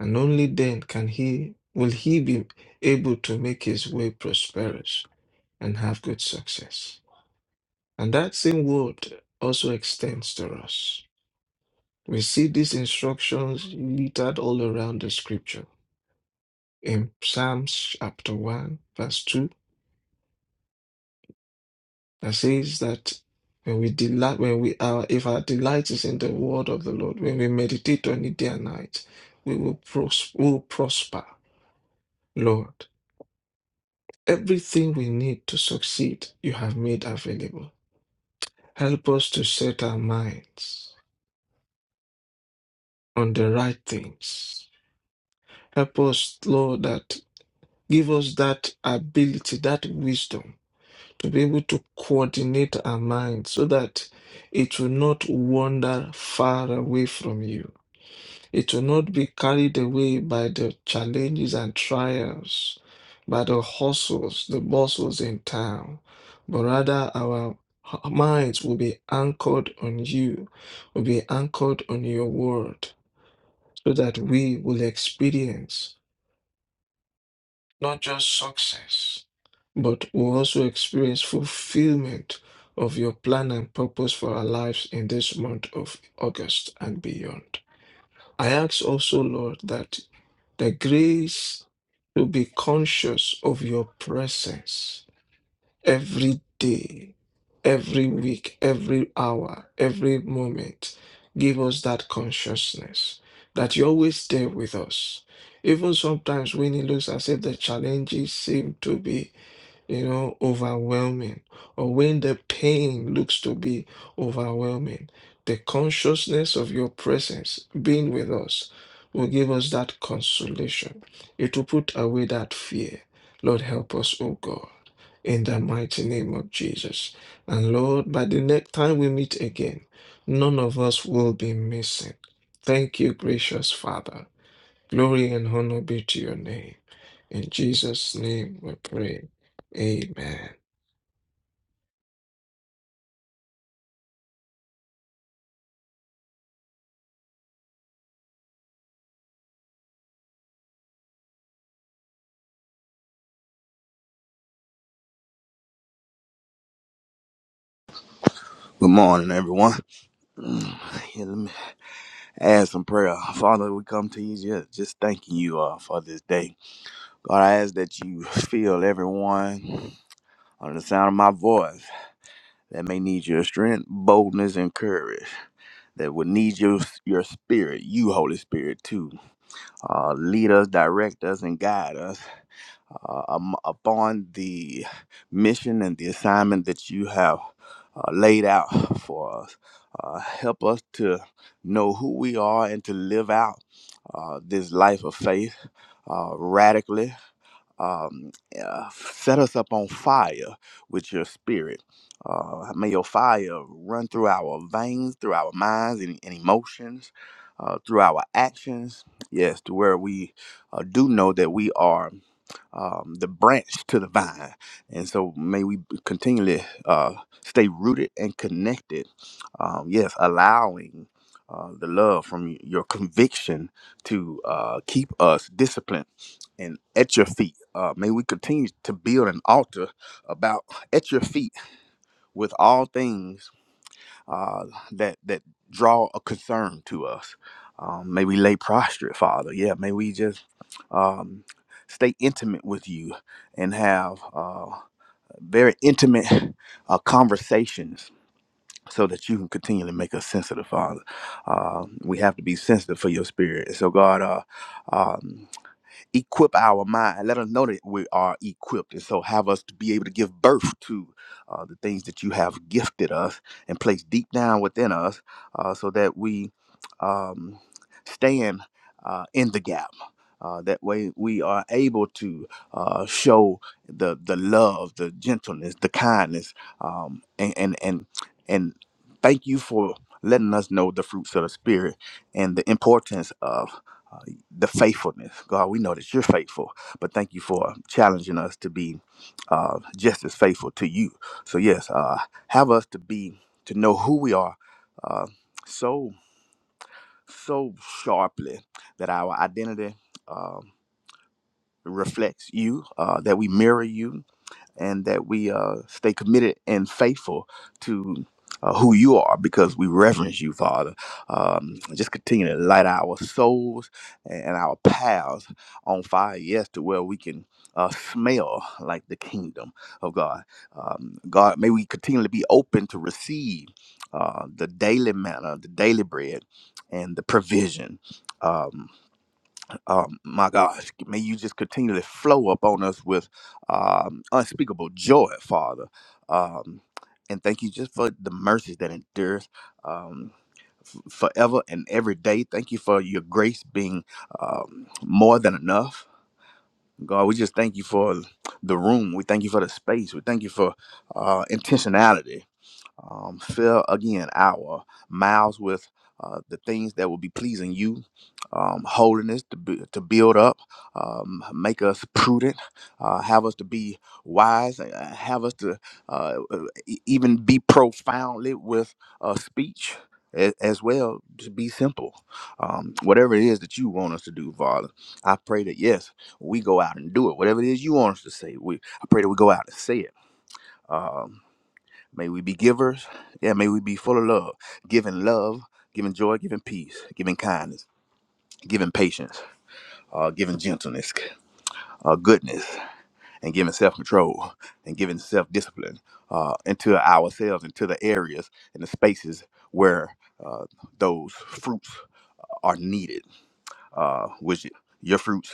And only then can he will he be able to make his way prosperous and have good success. And that same word also extends to us. We see these instructions littered all around the scripture. In Psalms chapter 1, verse 2, that says that when we delight, when we are, if our delight is in the word of the Lord, when we meditate on it day and night, we will pros- we will prosper. Lord, everything we need to succeed, you have made available. Help us to set our minds on the right things. Help us, Lord, that give us that ability, that wisdom to be able to coordinate our minds so that it will not wander far away from you It will not be carried away by the challenges and trials, by the hustles, the bustles in town, but rather our h- minds will be anchored on you, will be anchored on your word, so that we will experience not just success, but will also experience fulfillment of your plan and purpose for our lives in this month of August and beyond. I ask also, Lord, that the grace to be conscious of your presence every day, every week, every hour, every moment. Give us that consciousness that you're always there with us. Even sometimes when it looks as if the challenges seem to be you know, overwhelming, or when the pain looks to be overwhelming, the consciousness of your presence being with us will give us that consolation. It will put away that fear. Lord, help us, O God, in the mighty name of Jesus. And Lord, by the next time we meet again, none of us will be missing. Thank you, gracious Father. Glory and honor be to your name. In Jesus' name we pray. Amen. Good morning, everyone. Mm, Yeah, let me add some prayer. Father, we come to you just, just thanking you uh, for this day. God, I ask that you fill everyone on the sound of my voice that may need your strength, boldness, and courage, that would need your, your spirit, you, Holy Spirit, too. Uh, lead us, direct us, and guide us. uh, um, upon the mission and the assignment that you have uh, laid out for us. Uh, help us to know who we are and to live out uh, this life of faith uh, radically um, uh, set us up on fire with your spirit. Uh, may your fire run through our veins, through our minds and, and emotions, uh, through our actions. Yes, to where we uh, do know that we are um, the branch to the vine. And so may we b- continually uh, stay rooted and connected. Um, yes, allowing uh, the love from y- your conviction to uh, keep us disciplined and at your feet. Uh, may we continue to build an altar about at your feet with all things uh, that that draw a concern to us. Um, may we lay prostrate, Father. Yeah, may we just um, stay intimate with you and have uh, very intimate uh, conversations so that you can continually make us sensitive, Father. Uh, we have to be sensitive for your spirit. So, God, uh, um, equip our mind, let us know that we are equipped. And so have us to be able to give birth to uh, the things that you have gifted us and placed deep down within us uh, so that we um, stand uh, in the gap. Uh, that way we are able to uh, show the the love, the gentleness, the kindness, um, and, and and and thank you for letting us know the fruits of the spirit and the importance of uh, the faithfulness. God, we know that you're faithful, but thank you for challenging us to be uh, just as faithful to you. So, yes, uh, have us to be, to know who we are uh, so, so sharply that our identity um reflects you, uh, that we mirror you, and that we uh, stay committed and faithful to uh, who you are because we reverence you, Father. Um, just continue to light our souls and our paths on fire, yes, to where we can uh, smell like the kingdom of God. Um, God, may we continually be open to receive uh, the daily manna, the daily bread, and the provision. Um, um, my gosh, may you just continually flow upon us with um, unspeakable joy, Father. Um, and thank you just for the mercies that endures um, f- forever and every day. Thank you for your grace being um, more than enough. God, we just thank you for the room. We thank you for the space. We thank you for uh, intentionality um, fill again our mouths with uh, the things that will be pleasing you, um, holiness to, bu- to build up, um, make us prudent, uh, have us to be wise, uh, have us to uh, uh, e- even be profoundly with uh, speech a- as well, to be simple. Um, whatever it is that you want us to do, Father, I pray that yes, we go out and do it. Whatever it is you want us to say, we I pray that we go out and say it. Um, May we be givers. Yeah, may we be full of love, giving love, giving joy, giving peace, giving kindness, giving patience, uh, giving gentleness, uh, goodness, and giving self control and giving self discipline uh, into ourselves, into the areas and the spaces where uh, those fruits are needed, uh, which your fruits.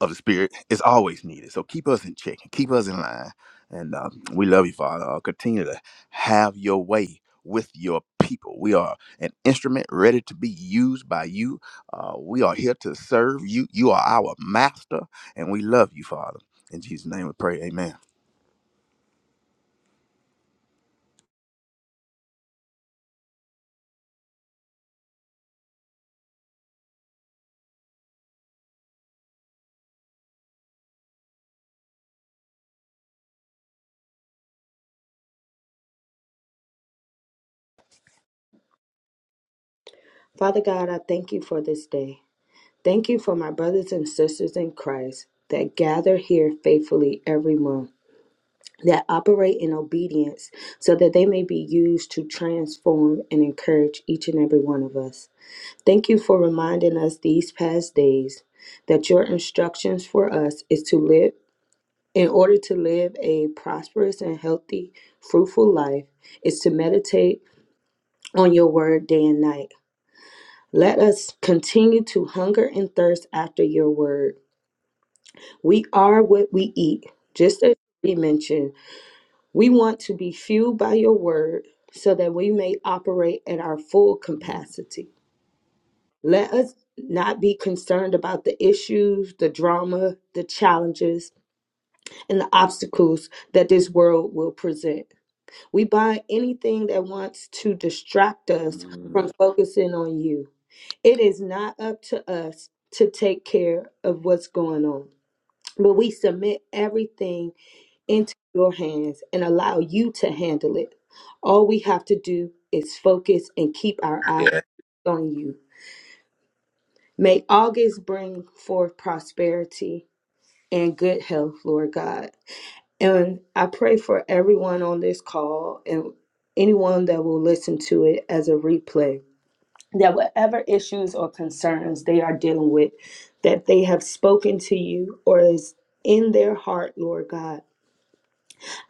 of the Spirit is always needed. So keep us in check and keep us in line. And um, we love you, Father. Uh, continue to have your way with your people. We are an instrument ready to be used by you. Uh, we are here to serve you. You are our master, and we love you, Father. In Jesus' name we pray. Amen. Father God, I thank you for this day. Thank you for my brothers and sisters in Christ that gather here faithfully every month. That operate in obedience so that they may be used to transform and encourage each and every one of us. Thank you for reminding us these past days that your instructions for us is to live in order to live a prosperous and healthy, fruitful life is to meditate on your word day and night. Let us continue to hunger and thirst after your word. We are what we eat. Just as we mentioned, we want to be fueled by your word so that we may operate at our full capacity. Let us not be concerned about the issues, the drama, the challenges, and the obstacles that this world will present. We bind anything that wants to distract us from Mm, focusing on you. It is not up to us to take care of what's going on, but we submit everything into your hands and allow you to handle it. All we have to do is focus and keep our eyes Yeah, on you. May August bring forth prosperity and good health, Lord God. And I pray for everyone on this call and anyone that will listen to it as a replay that whatever issues or concerns they are dealing with, that they have spoken to you or is in their heart, Lord God.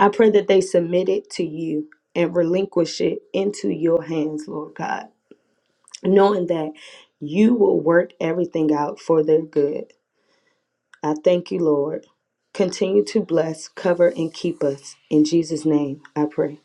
I pray that they submit it to you and relinquish it into your hands, Lord God, knowing that you will work everything out for their good. I thank you, Lord. Continue to bless, cover, and keep us. In Jesus' name, I pray.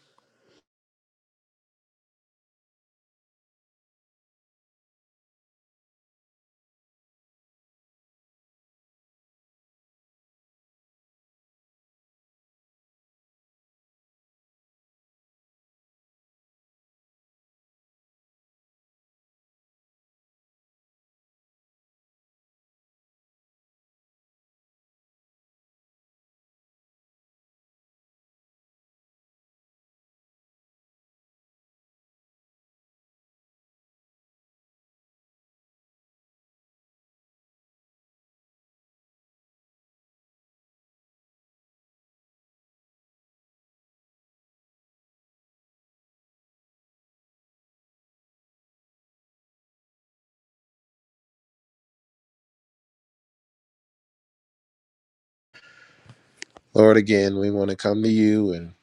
Lord, again, we want to come to you and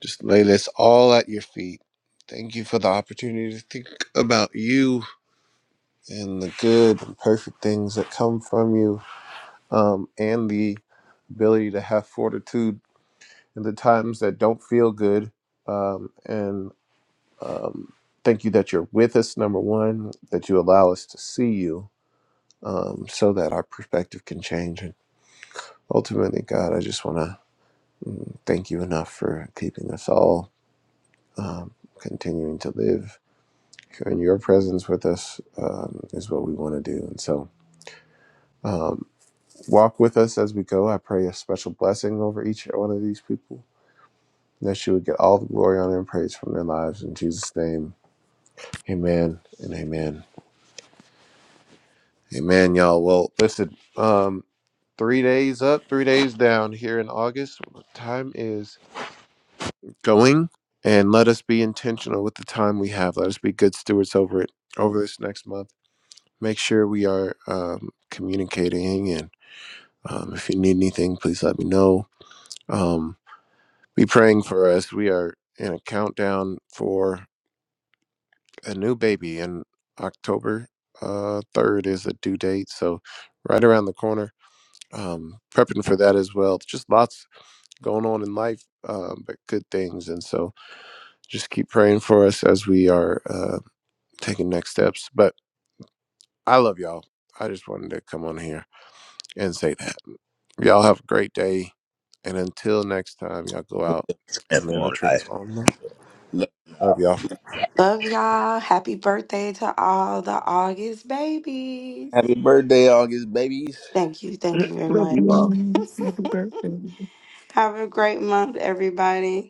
just lay this all at your feet. Thank you for the opportunity to think about you and the good and perfect things that come from you um, and the ability to have fortitude in the times that don't feel good. Um, and um, thank you that you're with us, number one, that you allow us to see you um, so that our perspective can change. And ultimately, God, I just want to thank you enough for keeping us all um, continuing to live. And your presence with us um, is what we want to do. And so, um, walk with us as we go. I pray a special blessing over each one of these people and that you would get all the glory, honor, and praise from their lives. In Jesus' name, amen and amen. Amen, y'all. Well, listen, um, three days up, three days down here in August. Time is going, and let us be intentional with the time we have. Let us be good stewards over it over this next month. Make sure we are um, communicating, and um, if you need anything, please let me know. Um, be praying for us. We are in a countdown for a new baby and october uh, 3rd is the due date so right around the corner um, prepping for that as well just lots going on in life um, but good things and so just keep praying for us as we are uh, taking next steps but i love y'all i just wanted to come on here and say that y'all have a great day and until next time y'all go out and live a transform life. transformed life love y'all Love y'all. Happy birthday to all the August babies. Happy birthday, August, baby. Thank you. Thank name. you very Love you much. all. Have a great month, everybody.